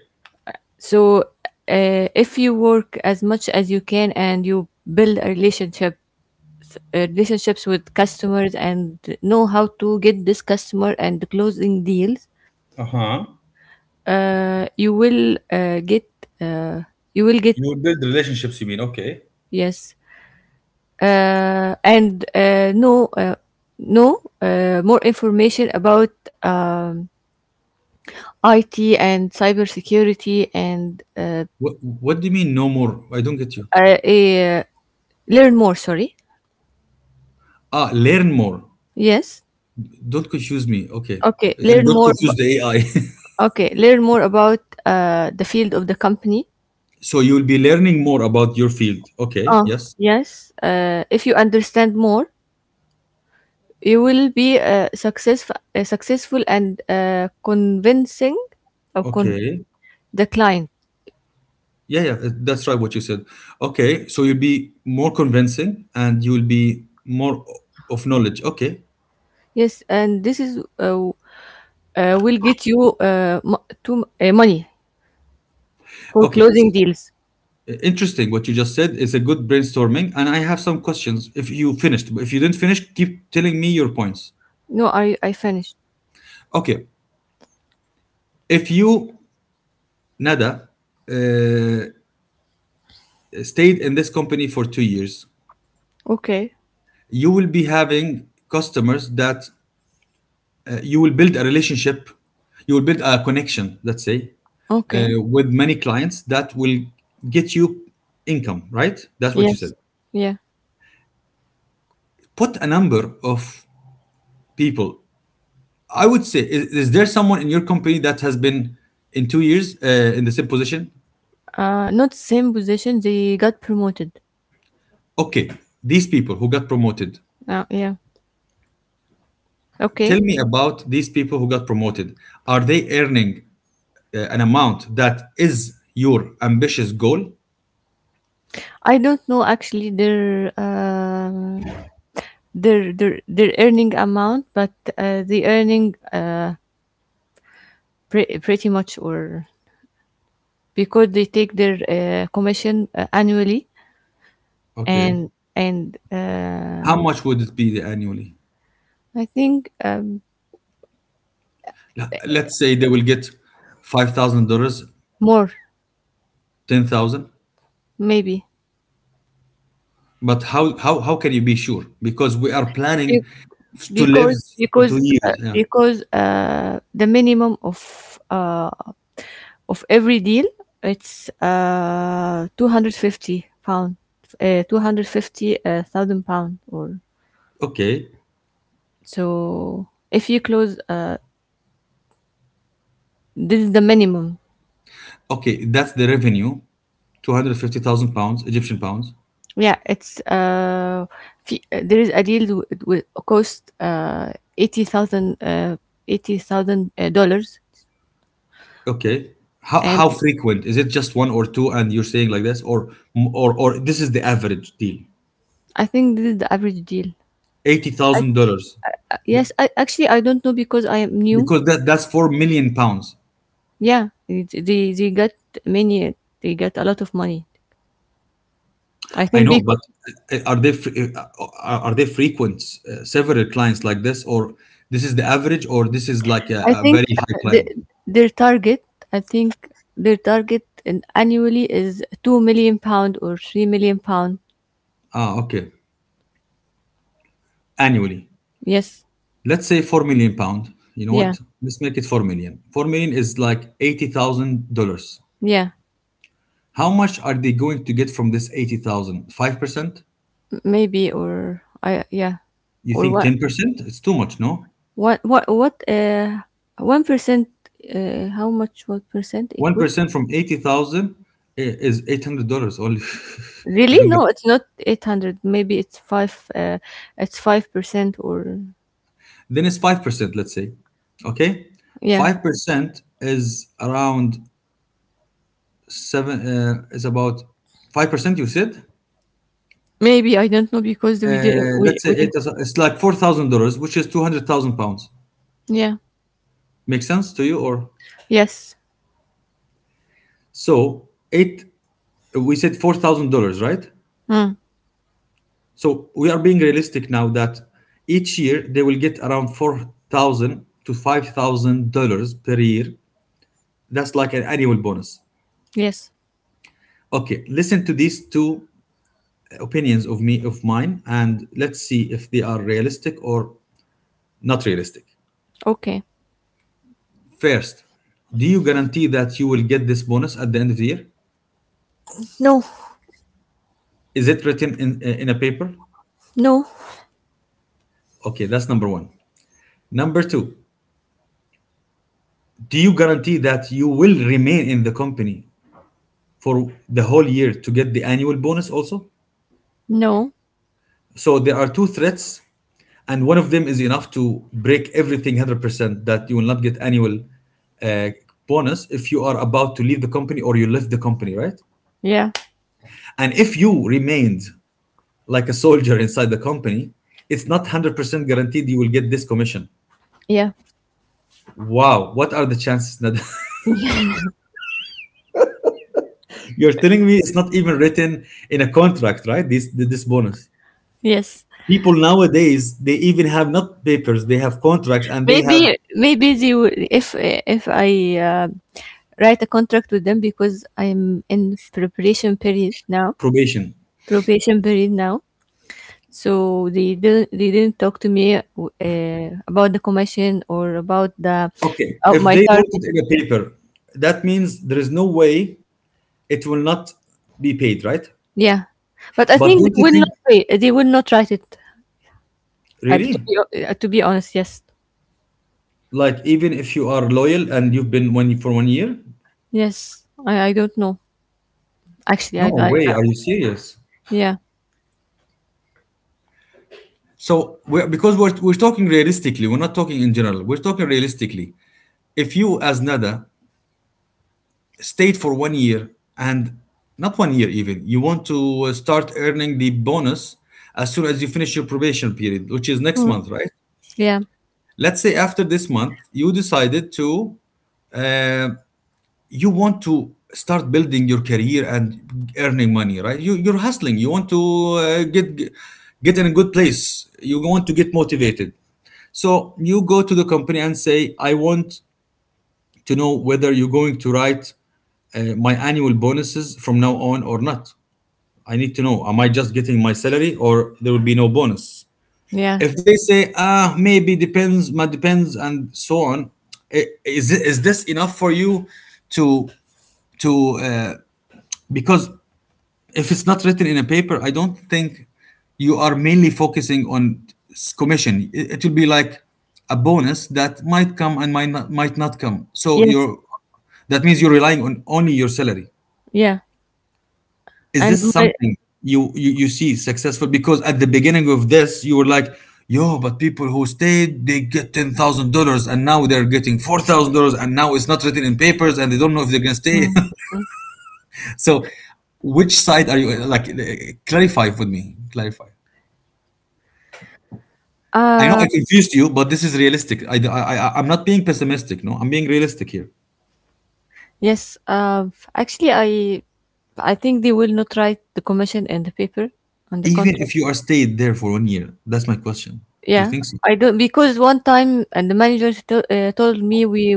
Speaker 2: so if you work as much as you can and you build a relationship relationships with customers and know how to get this customer and closing deals
Speaker 1: Uh huh.
Speaker 2: you will get uh, you will get
Speaker 1: You build relationships, you mean? Okay.
Speaker 2: yes. And no, no More information about um, IT and cybersecurity and
Speaker 1: What do you mean no more? I don't get you.
Speaker 2: I, uh, eh, learn more. Sorry.
Speaker 1: Ah, learn more.
Speaker 2: Yes.
Speaker 1: Don't confuse me. Okay.
Speaker 2: Okay.
Speaker 1: And
Speaker 2: Learn
Speaker 1: don't
Speaker 2: more.
Speaker 1: confuse the AI.
Speaker 2: Okay. Learn more about the field of the company.
Speaker 1: So you'll be learning more about your field. Okay.
Speaker 2: Uh,
Speaker 1: Yes.
Speaker 2: yes. If you understand more, you will be successful and of con-
Speaker 1: Okay.
Speaker 2: the client.
Speaker 1: Yeah, yeah, that's right what you said. Okay, so you'll be more convincing and you'll be more of knowledge. Okay.
Speaker 2: Yes, and this is will get you mo- to money for
Speaker 1: Okay.
Speaker 2: closing deals.
Speaker 1: Interesting what you just said. It's a good brainstorming. And I have some questions if you finished. If you didn't finish, keep telling me your points.
Speaker 2: No, I finished.
Speaker 1: Okay. If you, Nada, uh, stayed in this company for 2 years,
Speaker 2: Okay,
Speaker 1: you will be having customers that you will build a relationship, you will build a connection, let's say,
Speaker 2: okay,
Speaker 1: with many clients that will get you income, right? That's what you
Speaker 2: yes,
Speaker 1: said.
Speaker 2: yeah.
Speaker 1: Put a number of people. I would say, is there someone in your company that has been in 2 years in the same position?
Speaker 2: Not same position. They got promoted.
Speaker 1: Okay, these people who got promoted.
Speaker 2: Yeah.
Speaker 1: Tell
Speaker 2: Okay.
Speaker 1: me about these people who got promoted. Are they earning an amount that is your ambitious goal?
Speaker 2: I don't know actually their their earning amount, but uh, the earning uh, pretty much or because they take their commission annually
Speaker 1: Okay.
Speaker 2: and
Speaker 1: How much would it be annually?
Speaker 2: I think
Speaker 1: Let's say they will get $5,000,
Speaker 2: more
Speaker 1: 10,000.
Speaker 2: maybe
Speaker 1: But how can you be sure? Because we are
Speaker 2: Be-
Speaker 1: planning to live for
Speaker 2: because
Speaker 1: two years. Yeah.
Speaker 2: the minimum of every deal it's 250 pound 250 thousand pound or
Speaker 1: Okay.
Speaker 2: so if you close this is the minimum.
Speaker 1: Okay, that's the revenue. 250,000 pounds, Egyptian pounds.
Speaker 2: Yeah there is a deal with cost 80,000 80,000 dollars
Speaker 1: Okay.
Speaker 2: and
Speaker 1: How frequent? Is it just one or two and you're saying like this, or this is the average deal?
Speaker 2: I think this is the average deal.
Speaker 1: $80,000,
Speaker 2: Yes, I actually I don't know because I am new.
Speaker 1: because that's 4 million pounds.
Speaker 2: Yeah, it- they got many. They got a lot of money. I
Speaker 1: I
Speaker 2: think
Speaker 1: know,
Speaker 2: because
Speaker 1: but are they are they frequent, several clients like this, or this is the average, or this is like
Speaker 2: I
Speaker 1: a
Speaker 2: think
Speaker 1: very high
Speaker 2: uh, the,
Speaker 1: client?
Speaker 2: their target. I think their target in annually is 2 million pound or 3 million pound.
Speaker 1: Ah, okay. Annually.
Speaker 2: Yes.
Speaker 1: Let's say 4 million pound. You know
Speaker 2: Yeah.
Speaker 1: what? Let's make it 4 million. 4 million is like $80,000.
Speaker 2: Yeah.
Speaker 1: How much are they going to get from this 80,000? 5%?
Speaker 2: M- Maybe or I yeah
Speaker 1: You
Speaker 2: or
Speaker 1: think 10%? It's too much, no?
Speaker 2: what 1% how much what percent equal.
Speaker 1: 1% from 80,000 is $800 only. I
Speaker 2: Really?
Speaker 1: don't get.
Speaker 2: No, it's not 800. Maybe it's 5 it's 5% or
Speaker 1: Then it's 5%, let's say. Okay?
Speaker 2: yeah.
Speaker 1: 5% is around 7, is about 5% you said?
Speaker 2: Maybe I don't know because we did
Speaker 1: Let's say it
Speaker 2: we
Speaker 1: is, it's like $4,000, which is 200,000 pounds.
Speaker 2: yeah.
Speaker 1: Make sense to you, or
Speaker 2: Yes.
Speaker 1: so eight? We said $4,000, right?
Speaker 2: Mm.
Speaker 1: So we are being realistic now that each year they will get around $4,000 to $5,000 per year. That's like an annual bonus.
Speaker 2: Yes.
Speaker 1: Okay, listen to these two opinions of me, of mine, and let's see if they are realistic or not realistic.
Speaker 2: Okay.
Speaker 1: First, do you guarantee that you will get this bonus at the end of the year?
Speaker 2: No.
Speaker 1: Is it written in a paper?
Speaker 2: No.
Speaker 1: Okay, that's number one. Number two, do you guarantee that you will remain in the company for the whole year to get the annual bonus also.
Speaker 2: No.
Speaker 1: So there are two threats, and one of them is enough to break everything 100% that you will not get annual uh, bonus if you are about to leave the company or you left the company, right?
Speaker 2: Yeah.
Speaker 1: And if you remained like a soldier inside the company, it's not 100% guaranteed you will get this commission.
Speaker 2: Yeah.
Speaker 1: Wow, what are the chances? Nada? You're telling me it's not even written in a contract, right? This bonus.
Speaker 2: Yes.
Speaker 1: People nowadays, they even have not papers, they have contracts and they have
Speaker 2: Maybe they will, if I write a contract with them because I'm in preparation period now.
Speaker 1: probation.
Speaker 2: Preparation period now. So they didn't talk to me about the commission or about the
Speaker 1: Okay, if
Speaker 2: my
Speaker 1: they wrote
Speaker 2: target.
Speaker 1: it in a paper, that means there is no way it will not be paid, right?
Speaker 2: Yeah, but I
Speaker 1: But
Speaker 2: think they
Speaker 1: don't you
Speaker 2: will not
Speaker 1: think,
Speaker 2: pay. They will not write it. I
Speaker 1: really?
Speaker 2: to be honest, yes,
Speaker 1: Like, even if you are loyal and you've been one for 1 year?
Speaker 2: yes. I don't know actually.
Speaker 1: No way, are you serious?
Speaker 2: Yeah,
Speaker 1: So, because we're talking realistically, we're not talking in general, we're talking realistically. If you, as Nada, stayed for 1 year, and not 1 year even, you want to start earning the bonus as soon as you finish your probation period, which is next month, right?
Speaker 2: yeah,
Speaker 1: Let's say after this month you decided to, uh, you want to start building your career and earning money, right? You're hustling, you want to uh, get get in a good place, you want to get motivated, so you go to the company and say, I want to know whether you're going to write my annual bonuses from now on or not. I need to know, am I just getting my salary, or there will be no bonus?
Speaker 2: yeah,
Speaker 1: If they say, ah, maybe depends, ma depends, and so on, is this enough for you to, to, uh, because if it's not written in a paper, I don't think you are mainly focusing on commission. It will be like a bonus that might come and might not come. So
Speaker 2: yes,
Speaker 1: that means you're relying on only your salary.
Speaker 2: yeah,
Speaker 1: Is
Speaker 2: and
Speaker 1: this
Speaker 2: my
Speaker 1: something you see successful? Because at the beginning of this, you were like, "Yo, but people who stayed, they get $10,000, and now they're getting $4,000, and now it's not written in papers, and they don't know if they're gonna stay." So, which side are you? Like, eh, clarify with me. Clarify. I know
Speaker 2: uh
Speaker 1: I confused you, but this is realistic. I'm not being pessimistic. No, I'm being realistic here.
Speaker 2: yes. Actually I think they will not write the commission and the paper on the
Speaker 1: Even
Speaker 2: contract.
Speaker 1: if you are stayed there for 1 year, that's my question. You
Speaker 2: Yeah,
Speaker 1: think so?
Speaker 2: I don't because one time and the manager told me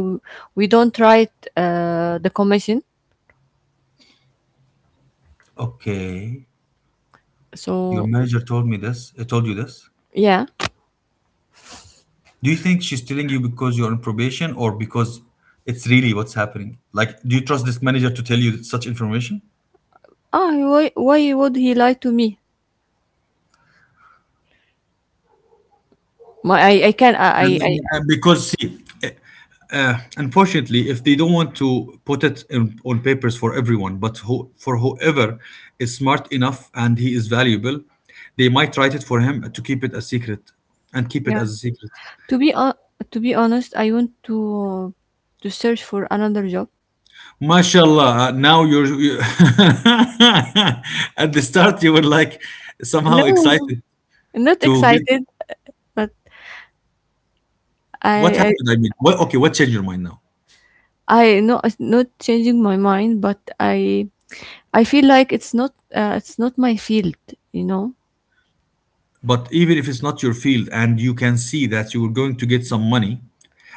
Speaker 2: we don't write the commission.
Speaker 1: Okay, your
Speaker 2: So
Speaker 1: manager told me this. I told you this.
Speaker 2: yeah,
Speaker 1: Do you think she's telling you because you're on probation, or because it's really what's happening? Like, do you trust this manager to tell you such information?
Speaker 2: ah, why would he lie to me? My I can I
Speaker 1: And, because see, uh, uh, unfortunately, if they don't want to put it in, on papers, for everyone, but who, for whoever is smart enough and he is valuable, they might write it for him, to keep it a secret and keep it
Speaker 2: yeah.
Speaker 1: as a secret.
Speaker 2: To be uh, to be honest, I want to search for another job.
Speaker 1: Mashallah, now you're you, at the start you were like somehow
Speaker 2: No,
Speaker 1: excited
Speaker 2: I'm not
Speaker 1: to get.
Speaker 2: excited, but
Speaker 1: What
Speaker 2: I I
Speaker 1: happened? I mean, what, okay, what changed your mind now?
Speaker 2: I no not changing my mind, but I feel like it's not my field, you know.
Speaker 1: But even if it's not your field and you can see that you're going to get some money,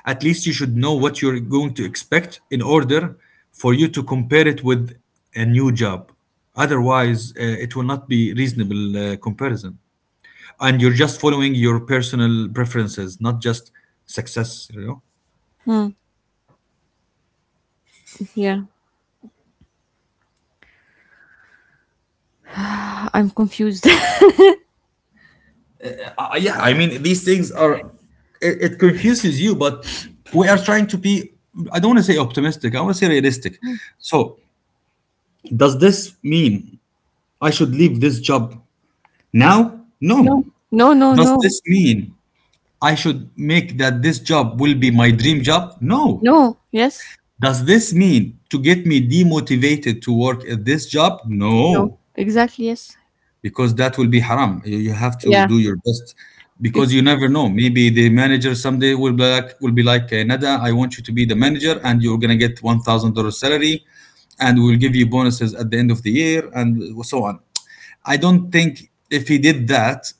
Speaker 1: at least you should know what you're going to expect in order for you to compare it with a new job. Otherwise, it will not be reasonable comparison. And you're just following your personal preferences, not just success, you know?
Speaker 2: Hmm. Yeah. I'm confused.
Speaker 1: Yeah, I mean, these things are, it confuses you, but we are trying to be, I don't want to say optimistic, I want to say realistic. So, does this mean I should leave this job now? No.
Speaker 2: no, no, no,
Speaker 1: Does
Speaker 2: no,
Speaker 1: this mean I should make that this job will be my dream job? No.
Speaker 2: no. Yes,
Speaker 1: Does this mean to get me demotivated to work at this job?
Speaker 2: no.
Speaker 1: No.
Speaker 2: Exactly. Yes.
Speaker 1: Because that will be haram. You have to
Speaker 2: Yeah.
Speaker 1: do your best,
Speaker 2: Bec-
Speaker 1: because you never know. Maybe the manager someday will be like, "Eh, Nada, I want you to be the manager, and you're gonna get $1,000 salary, and we'll give you bonuses at the end of the year, and so on." I don't think if he did that,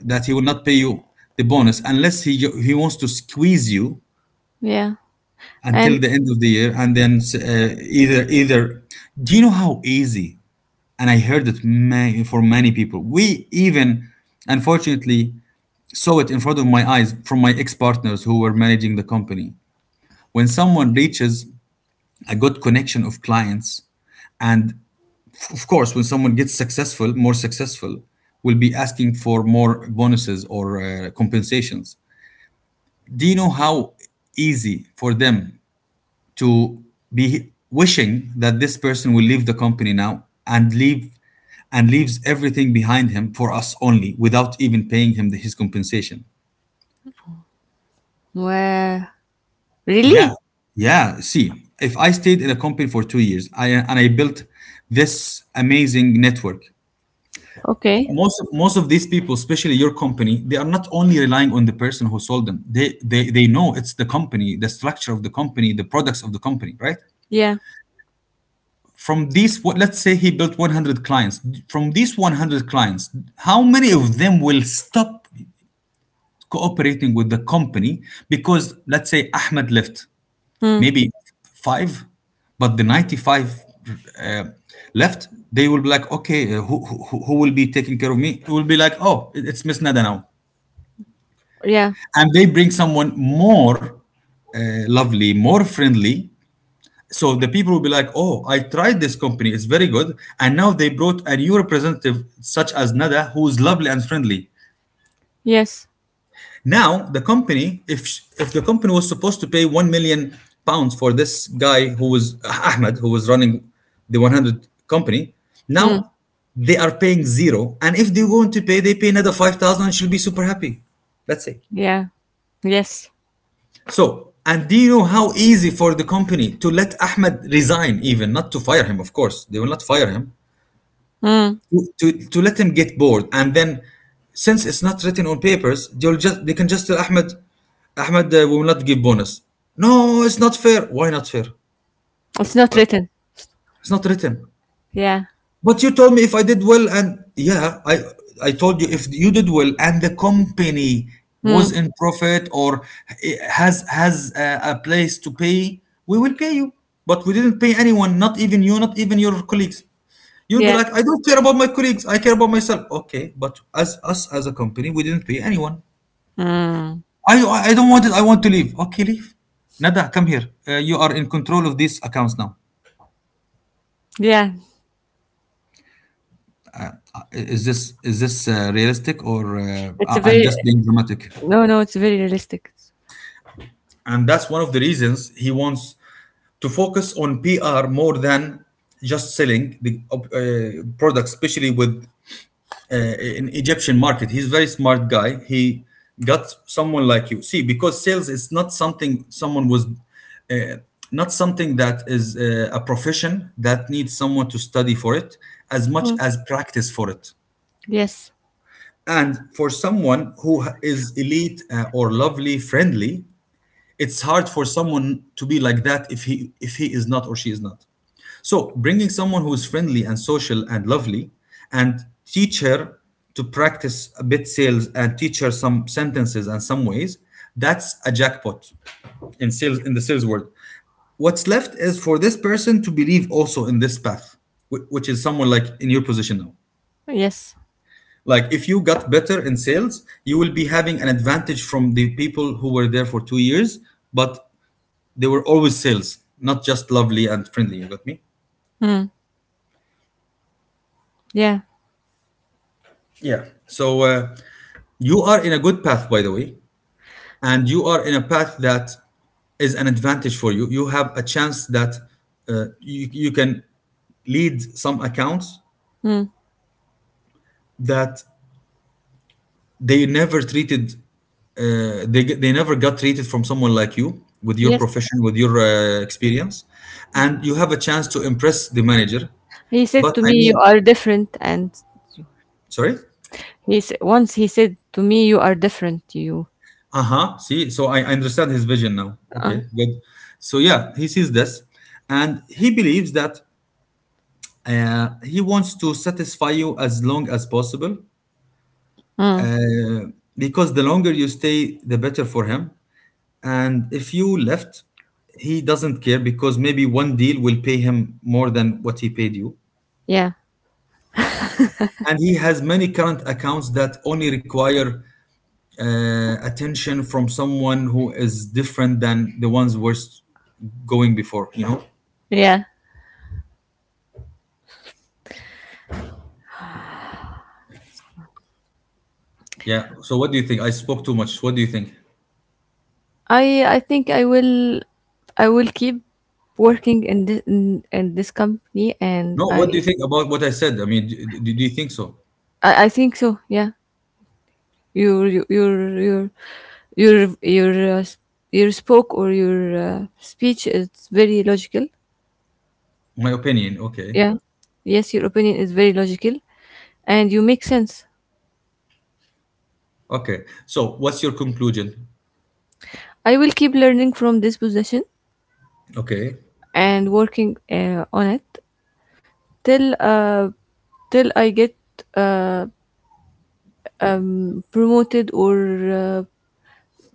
Speaker 1: that he will not pay you the bonus, unless he wants to squeeze you
Speaker 2: yeah.
Speaker 1: until
Speaker 2: And
Speaker 1: the end of the year, and then either either. Do you know how easy, and I heard it for many people. We even, unfortunately, saw it in front of my eyes from my ex partners who were managing the company. When someone reaches a good connection of clients, and of course, when someone gets successful, more successful, will be asking for more bonuses or compensations. Do you know how easy for them to be wishing that this person will leave the company now and leave and leaves everything behind him for us only, without even paying him the, his compensation?
Speaker 2: where?
Speaker 1: Yeah,
Speaker 2: Really?
Speaker 1: yeah, see, if I stayed in a company for 2 years, I, and I built this amazing network,
Speaker 2: Okay.
Speaker 1: most of these people, especially your company, they are not only relying on the person who sold them, they know it's the company, the structure of the company, the products of the company, right?
Speaker 2: Yeah.
Speaker 1: From these, let's say he built 100 clients. From these 100 clients, how many of them will stop cooperating with the company because, let's say, Ahmed left?
Speaker 2: Hmm.
Speaker 1: Maybe five, but the 95 uh, left, they will be like, okay, who will be taking care of me? It will be like, oh, it's Miss Nada now.
Speaker 2: Yeah.
Speaker 1: And they bring someone more lovely, more friendly, so the people will be like, "Oh, I tried this company; it's very good." And now they brought a new representative, such as Nada, who is lovely and friendly.
Speaker 2: Yes.
Speaker 1: Now the company, if the company was supposed to pay £1,000,000 for this guy who was Ahmed, who was running the 100 company,
Speaker 2: Hmm.
Speaker 1: now they are paying zero. And if they want to pay, they pay another 5,000, and she'll be super happy. That's it.
Speaker 2: Yeah. Yes.
Speaker 1: So, and do you know how easy for the company to let Ahmed resign, even not to fire him? Of course, they will not fire him,
Speaker 2: Hmm.
Speaker 1: to let him get bored, and then, since it's not written on papers, they'll just, they can just tell Ahmed, Ahmed, we will not give bonus. No, it's not fair. Why not fair?
Speaker 2: It's not
Speaker 1: uh,
Speaker 2: written.
Speaker 1: it's not written.
Speaker 2: Yeah.
Speaker 1: But you told me if I did well, and yeah, I told you if you did well, and the company
Speaker 2: Hmm.
Speaker 1: was in profit or has a place to pay, we will pay you. But we didn't pay anyone, not even you, not even your colleagues. You'll be
Speaker 2: Yeah.
Speaker 1: like, I don't care about my colleagues, I care about myself. Okay, but as us as a company, we didn't pay anyone.
Speaker 2: Hmm.
Speaker 1: I don't want it. I want to leave. Okay, leave. Nada, come here. You are in control of these accounts now.
Speaker 2: Yeah.
Speaker 1: Is this realistic, or
Speaker 2: It's a
Speaker 1: I'm
Speaker 2: very
Speaker 1: just being dramatic?
Speaker 2: no, no. It's very realistic.
Speaker 1: And that's one of the reasons he wants to focus on PR more than just selling the product, especially with uh, an Egyptian market. He's a very smart guy. He got someone like you. See, because sales is not something someone was. Uh, not something that is a profession that needs someone to study for it as much
Speaker 2: Hmm.
Speaker 1: as practice for it.
Speaker 2: Yes.
Speaker 1: And for someone who is elite, or lovely, friendly, it's hard for someone to be like that if he is not, or she is not. So, bringing someone who is friendly and social and lovely, and teach her to practice a bit sales, and teach her some sentences and some ways, that's a jackpot in sales, in the sales world. What's left is for this person to believe also in this path, which is someone like in your position now.
Speaker 2: Yes.
Speaker 1: Like, if you got better in sales, you will be having an advantage from the people who were there for 2 years, but they were always sales, not just lovely and friendly. You got me?
Speaker 2: Hmm. Yeah.
Speaker 1: Yeah. So you are in a good path, by the way. And you are in a path that is an advantage for you. You have a chance that you can lead some accounts
Speaker 2: Hmm.
Speaker 1: that they never treated. They never got treated from someone like you, with your
Speaker 2: Yes.
Speaker 1: profession, with your experience. And you have a chance to impress the manager.
Speaker 2: He said
Speaker 1: But
Speaker 2: to
Speaker 1: I
Speaker 2: me, "You
Speaker 1: mean,
Speaker 2: are different," and
Speaker 1: sorry.
Speaker 2: He s once he said to me, "You are different. You."
Speaker 1: Uh-huh, see, so I understand his vision now.
Speaker 2: Uh,
Speaker 1: Okay, good. So yeah, he sees this, and he believes that he wants to satisfy you as long as possible.
Speaker 2: mm,
Speaker 1: uh, because the longer you stay, the better for him. And if you left, he doesn't care, because maybe one deal will pay him more than what he paid you.
Speaker 2: yeah,
Speaker 1: And he has many current accounts that only require attention from someone who is different than the ones going before, you know?
Speaker 2: yeah.
Speaker 1: Yeah. So what do you think? I spoke too much. What do you think?
Speaker 2: I I think I will I will keep working in this company, and
Speaker 1: No, what do you think about what I said? I mean, do you think so?
Speaker 2: I think so. Yeah, your your your your your your, uh, s- your spoke or your speech is very logical.
Speaker 1: My opinion. Okay.
Speaker 2: Yeah, yes, your opinion is very logical, and you make sense.
Speaker 1: Okay. So what's your conclusion?
Speaker 2: I will keep learning from this position
Speaker 1: Okay.
Speaker 2: and working on it till till I get uh, promoted or uh,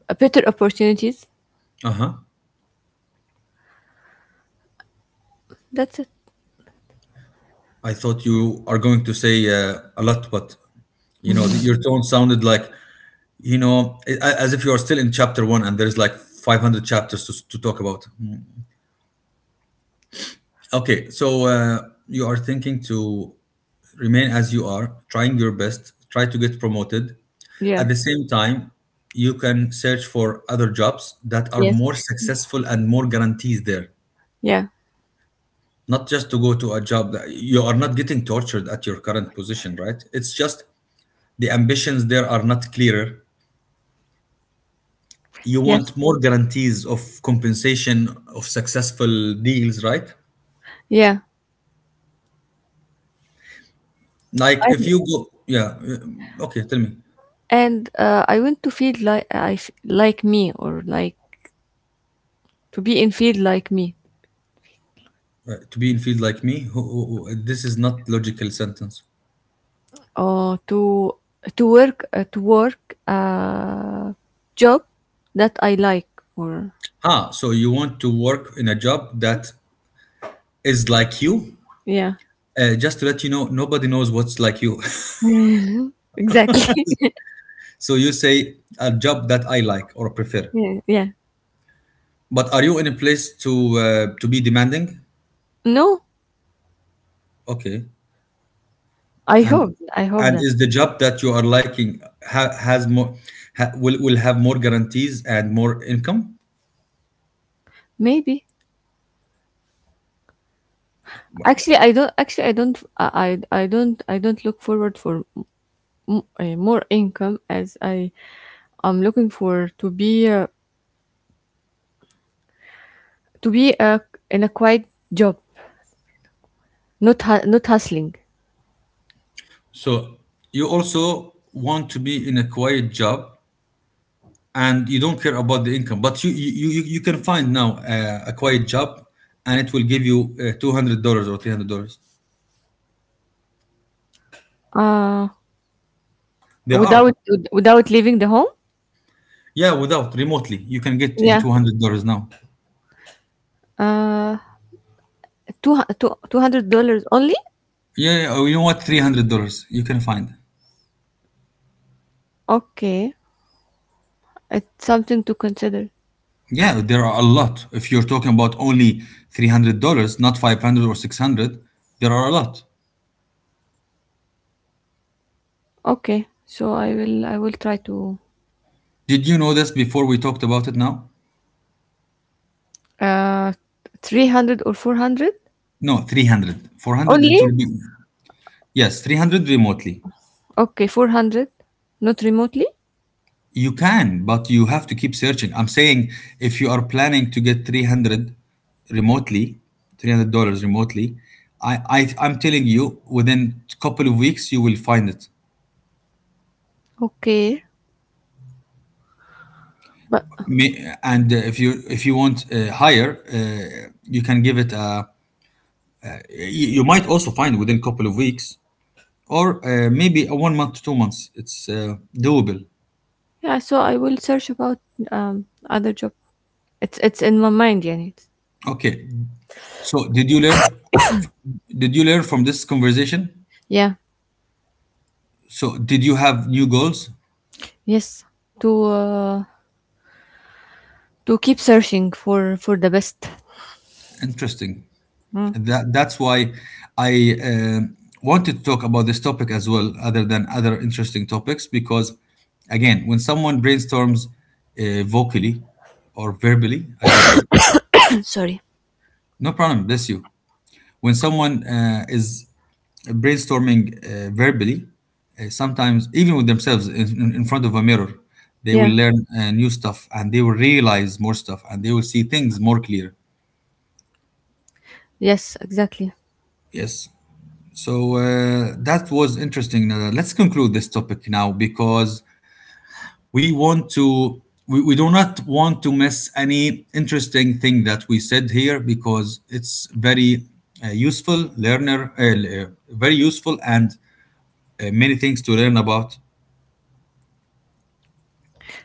Speaker 2: a better opportunities.
Speaker 1: Uh huh.
Speaker 2: That's it.
Speaker 1: I thought you are going to say a lot, but your tone sounded like, as if you are still in chapter one and there's like 500 chapters to talk about. Mm. Okay, so you are thinking to remain as you are, trying your best, try to get promoted.
Speaker 2: Yeah.
Speaker 1: At the same time, you can search for other jobs that are
Speaker 2: Yes.
Speaker 1: more successful and more guarantees there.
Speaker 2: Yeah.
Speaker 1: Not just to go to a job that you are not getting tortured at your current position, right? It's just the ambitions there are not clearer. You want
Speaker 2: Yes.
Speaker 1: more guarantees of compensation of successful deals, right?
Speaker 2: Yeah.
Speaker 1: Like if
Speaker 2: And
Speaker 1: you go, yeah, okay, tell me.
Speaker 2: I want to feel like like me or like to be in field like me
Speaker 1: To be in field like me, this is not logical sentence.
Speaker 2: or to work a job that I like or
Speaker 1: Ah, so you want to work in a job that is like you?
Speaker 2: yeah.
Speaker 1: Just to let you know, nobody knows what's like you.
Speaker 2: Exactly.
Speaker 1: So you say a job that I like or prefer.
Speaker 2: yeah. Yeah.
Speaker 1: But are you in a place to to be demanding?
Speaker 2: No,
Speaker 1: Okay, And
Speaker 2: I hope
Speaker 1: and
Speaker 2: that.
Speaker 1: is the job that you are liking, has more, ha, will have more guarantees and more income?
Speaker 2: Maybe. Actually, I don't. Actually, I don't. I don't. I don't look forward for more income as I am looking for to be to be uh, in a quiet job, not not hustling.
Speaker 1: So you also want to be in a quiet job, and you don't care about the income, but you can find now a quiet job, and it will give you $200 or $300.
Speaker 2: Uh,
Speaker 1: There are,
Speaker 2: without without leaving the home.
Speaker 1: yeah. Without, remotely you can get in
Speaker 2: Yeah.
Speaker 1: $200 now.
Speaker 2: Uh, two two hundred dollars only.
Speaker 1: Yeah, yeah, oh, you know what? $300 you can find.
Speaker 2: Okay, it's something to consider.
Speaker 1: Yeah, there are a lot. If you're talking about only $300, not 500 or 600, there are a lot.
Speaker 2: Okay, so I will try to
Speaker 1: Did you know this before we talked about it now?
Speaker 2: uh 300 or 400
Speaker 1: No, 300. 400 it
Speaker 2: only.
Speaker 1: will be. Yes, 300 remotely.
Speaker 2: Okay, 400, not remotely.
Speaker 1: You can, but you have to keep searching. I'm saying, if you are planning to get 300 remotely, $300 remotely, I'm telling you, within a couple of weeks you will find it.
Speaker 2: Okay. But
Speaker 1: And if you want higher, you can give it a— you might also find within a couple of weeks, or maybe a 1 month to 2 months, it's doable.
Speaker 2: yeah, so I will search about other job. It's in my mind, yeah. It's,
Speaker 1: Okay, so did you learn from this conversation?
Speaker 2: yeah,
Speaker 1: So did you have new goals?
Speaker 2: yes, to uh, to keep searching for the best.
Speaker 1: Interesting.
Speaker 2: Mm.
Speaker 1: That's why I wanted to talk about this topic as well, other than other interesting topics, because again, when someone brainstorms vocally, or verbally, as they say.
Speaker 2: Sorry.
Speaker 1: No problem, bless you. When someone is brainstorming verbally, sometimes even with themselves in front of a mirror, they
Speaker 2: Yeah.
Speaker 1: will learn new stuff, and they will realize more stuff, and they will see things more clear.
Speaker 2: Yes, exactly.
Speaker 1: Yes. So that was interesting. Let's conclude this topic now, because we want to, we do not want to miss any interesting thing that we said here, because it's very useful, and many things to learn about.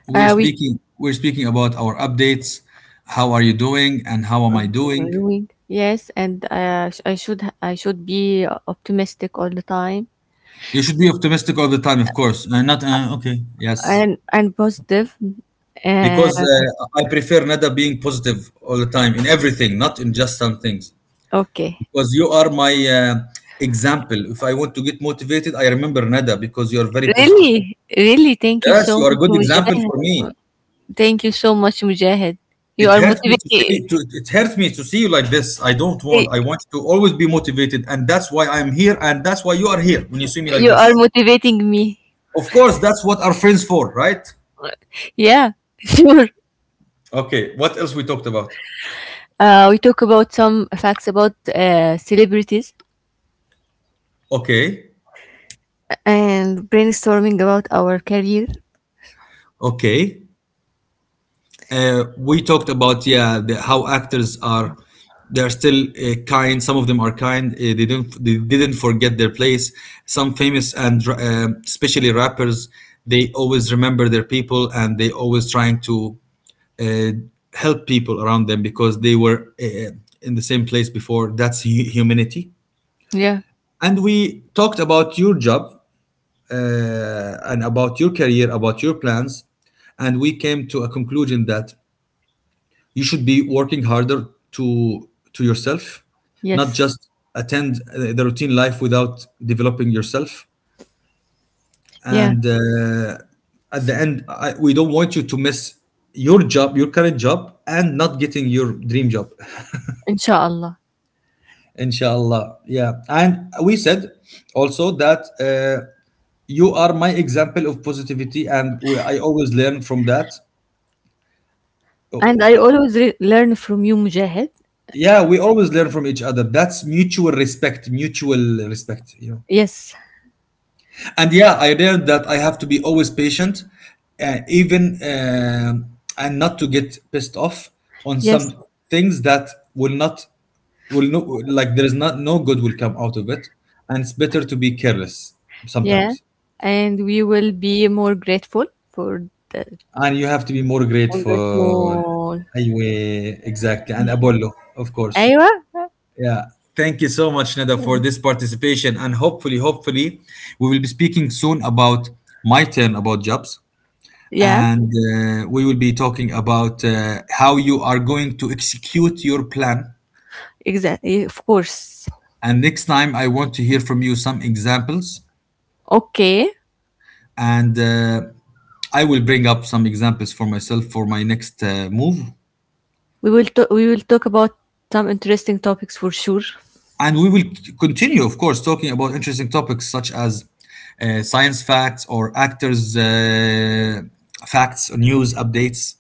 Speaker 2: We
Speaker 1: We're speaking about our updates, how are you doing, and how am I doing.
Speaker 2: doing yes, and I should be optimistic all the time
Speaker 1: You should be optimistic all the time, of course. Not okay, yes,
Speaker 2: and positive.
Speaker 1: because
Speaker 2: Uh,
Speaker 1: I prefer Nada being positive all the time in everything, not in just some things.
Speaker 2: okay.
Speaker 1: Because you are my example. If I want to get motivated, I remember Nada because you are very positive.
Speaker 2: Really, really. Thank you
Speaker 1: Yes,
Speaker 2: so
Speaker 1: you are a
Speaker 2: much,
Speaker 1: good example
Speaker 2: Mujahid.
Speaker 1: for me.
Speaker 2: Thank you so much, Mujahid. You are motivating.
Speaker 1: It hurts me to see you like this. I don't want. I want you to always be motivated, and that's why I'm here, and that's why you are here when you see me like
Speaker 2: You are
Speaker 1: this.
Speaker 2: motivating me.
Speaker 1: Of course, that's what our friends for, right?
Speaker 2: Yeah, sure.
Speaker 1: Okay, what else we talked about?
Speaker 2: We talk about some facts about celebrities
Speaker 1: Okay.
Speaker 2: and brainstorming about our career.
Speaker 1: Okay. We talked about, yeah, how actors are. They're still kind Some of them are kind. They didn't forget their place. Some famous, and especially rappers, they always remember their people, and they always trying to uh, help people around them, because they were in the same place before. That's humanity.
Speaker 2: Yeah.
Speaker 1: And we talked about your job, and about your career, about your plans, and we came to a conclusion that you should be working harder to— to yourself, not
Speaker 2: Yes.
Speaker 1: just attend the routine life without developing yourself.
Speaker 2: Yeah.
Speaker 1: And at the end, we don't want you to miss your job, your current job, and not getting your dream job.
Speaker 2: Inshallah.
Speaker 1: Inshallah. Yeah. And we said also that you are my example of positivity, and I always learn from that.
Speaker 2: And
Speaker 1: Oh,
Speaker 2: I always learn from you, Mujahid.
Speaker 1: yeah, we always learn from each other. That's mutual respect, you know.
Speaker 2: Yes.
Speaker 1: And yeah, I learned that I have to be always patient, even and not to get pissed off on
Speaker 2: Yes.
Speaker 1: some things that, will not will no like, there is not no good will come out of it, and it's better to be careless
Speaker 2: Yeah.
Speaker 1: sometimes.
Speaker 2: And we will be more grateful for the.
Speaker 1: And you have to be more
Speaker 2: I'm
Speaker 1: grateful.
Speaker 2: grateful.
Speaker 1: أيوه, exactly, and Apollo, of course.
Speaker 2: Aywa.
Speaker 1: Yeah. Thank you so much, Nada, for this participation, and hopefully we will be speaking soon about my turn about jobs,
Speaker 2: Yeah.
Speaker 1: and we will be talking about how you are going to execute your plan,
Speaker 2: Exactly. Of course.
Speaker 1: and next time I want to hear from you some examples,
Speaker 2: Okay.
Speaker 1: and I will bring up some examples for myself for my next move.
Speaker 2: We will talk about some interesting topics for sure.
Speaker 1: And we will continue, of course, talking about interesting topics such as science facts, or actors' facts, or news updates,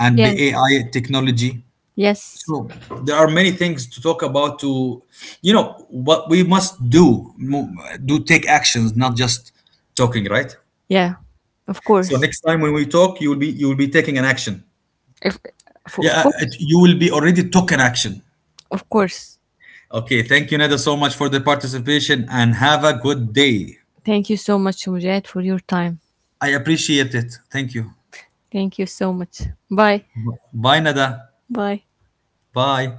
Speaker 1: and
Speaker 2: Yeah.
Speaker 1: the AI technology.
Speaker 2: Yes.
Speaker 1: So there are many things to talk about. To You know what we must do? Do take actions, not just talking, right?
Speaker 2: Yeah. Of
Speaker 1: So
Speaker 2: course.
Speaker 1: next time when we talk, you will be taking an action.
Speaker 2: If, of
Speaker 1: Yeah, it—
Speaker 2: course.
Speaker 1: you will be already took an action.
Speaker 2: Of course.
Speaker 1: Okay, thank you, Neda, so much for the participation, and have a good day.
Speaker 2: Thank you so much, Mujahid, for your time.
Speaker 1: I appreciate it. Thank you.
Speaker 2: Thank you so much. Bye.
Speaker 1: Bye, Nada.
Speaker 2: Bye.
Speaker 1: Bye.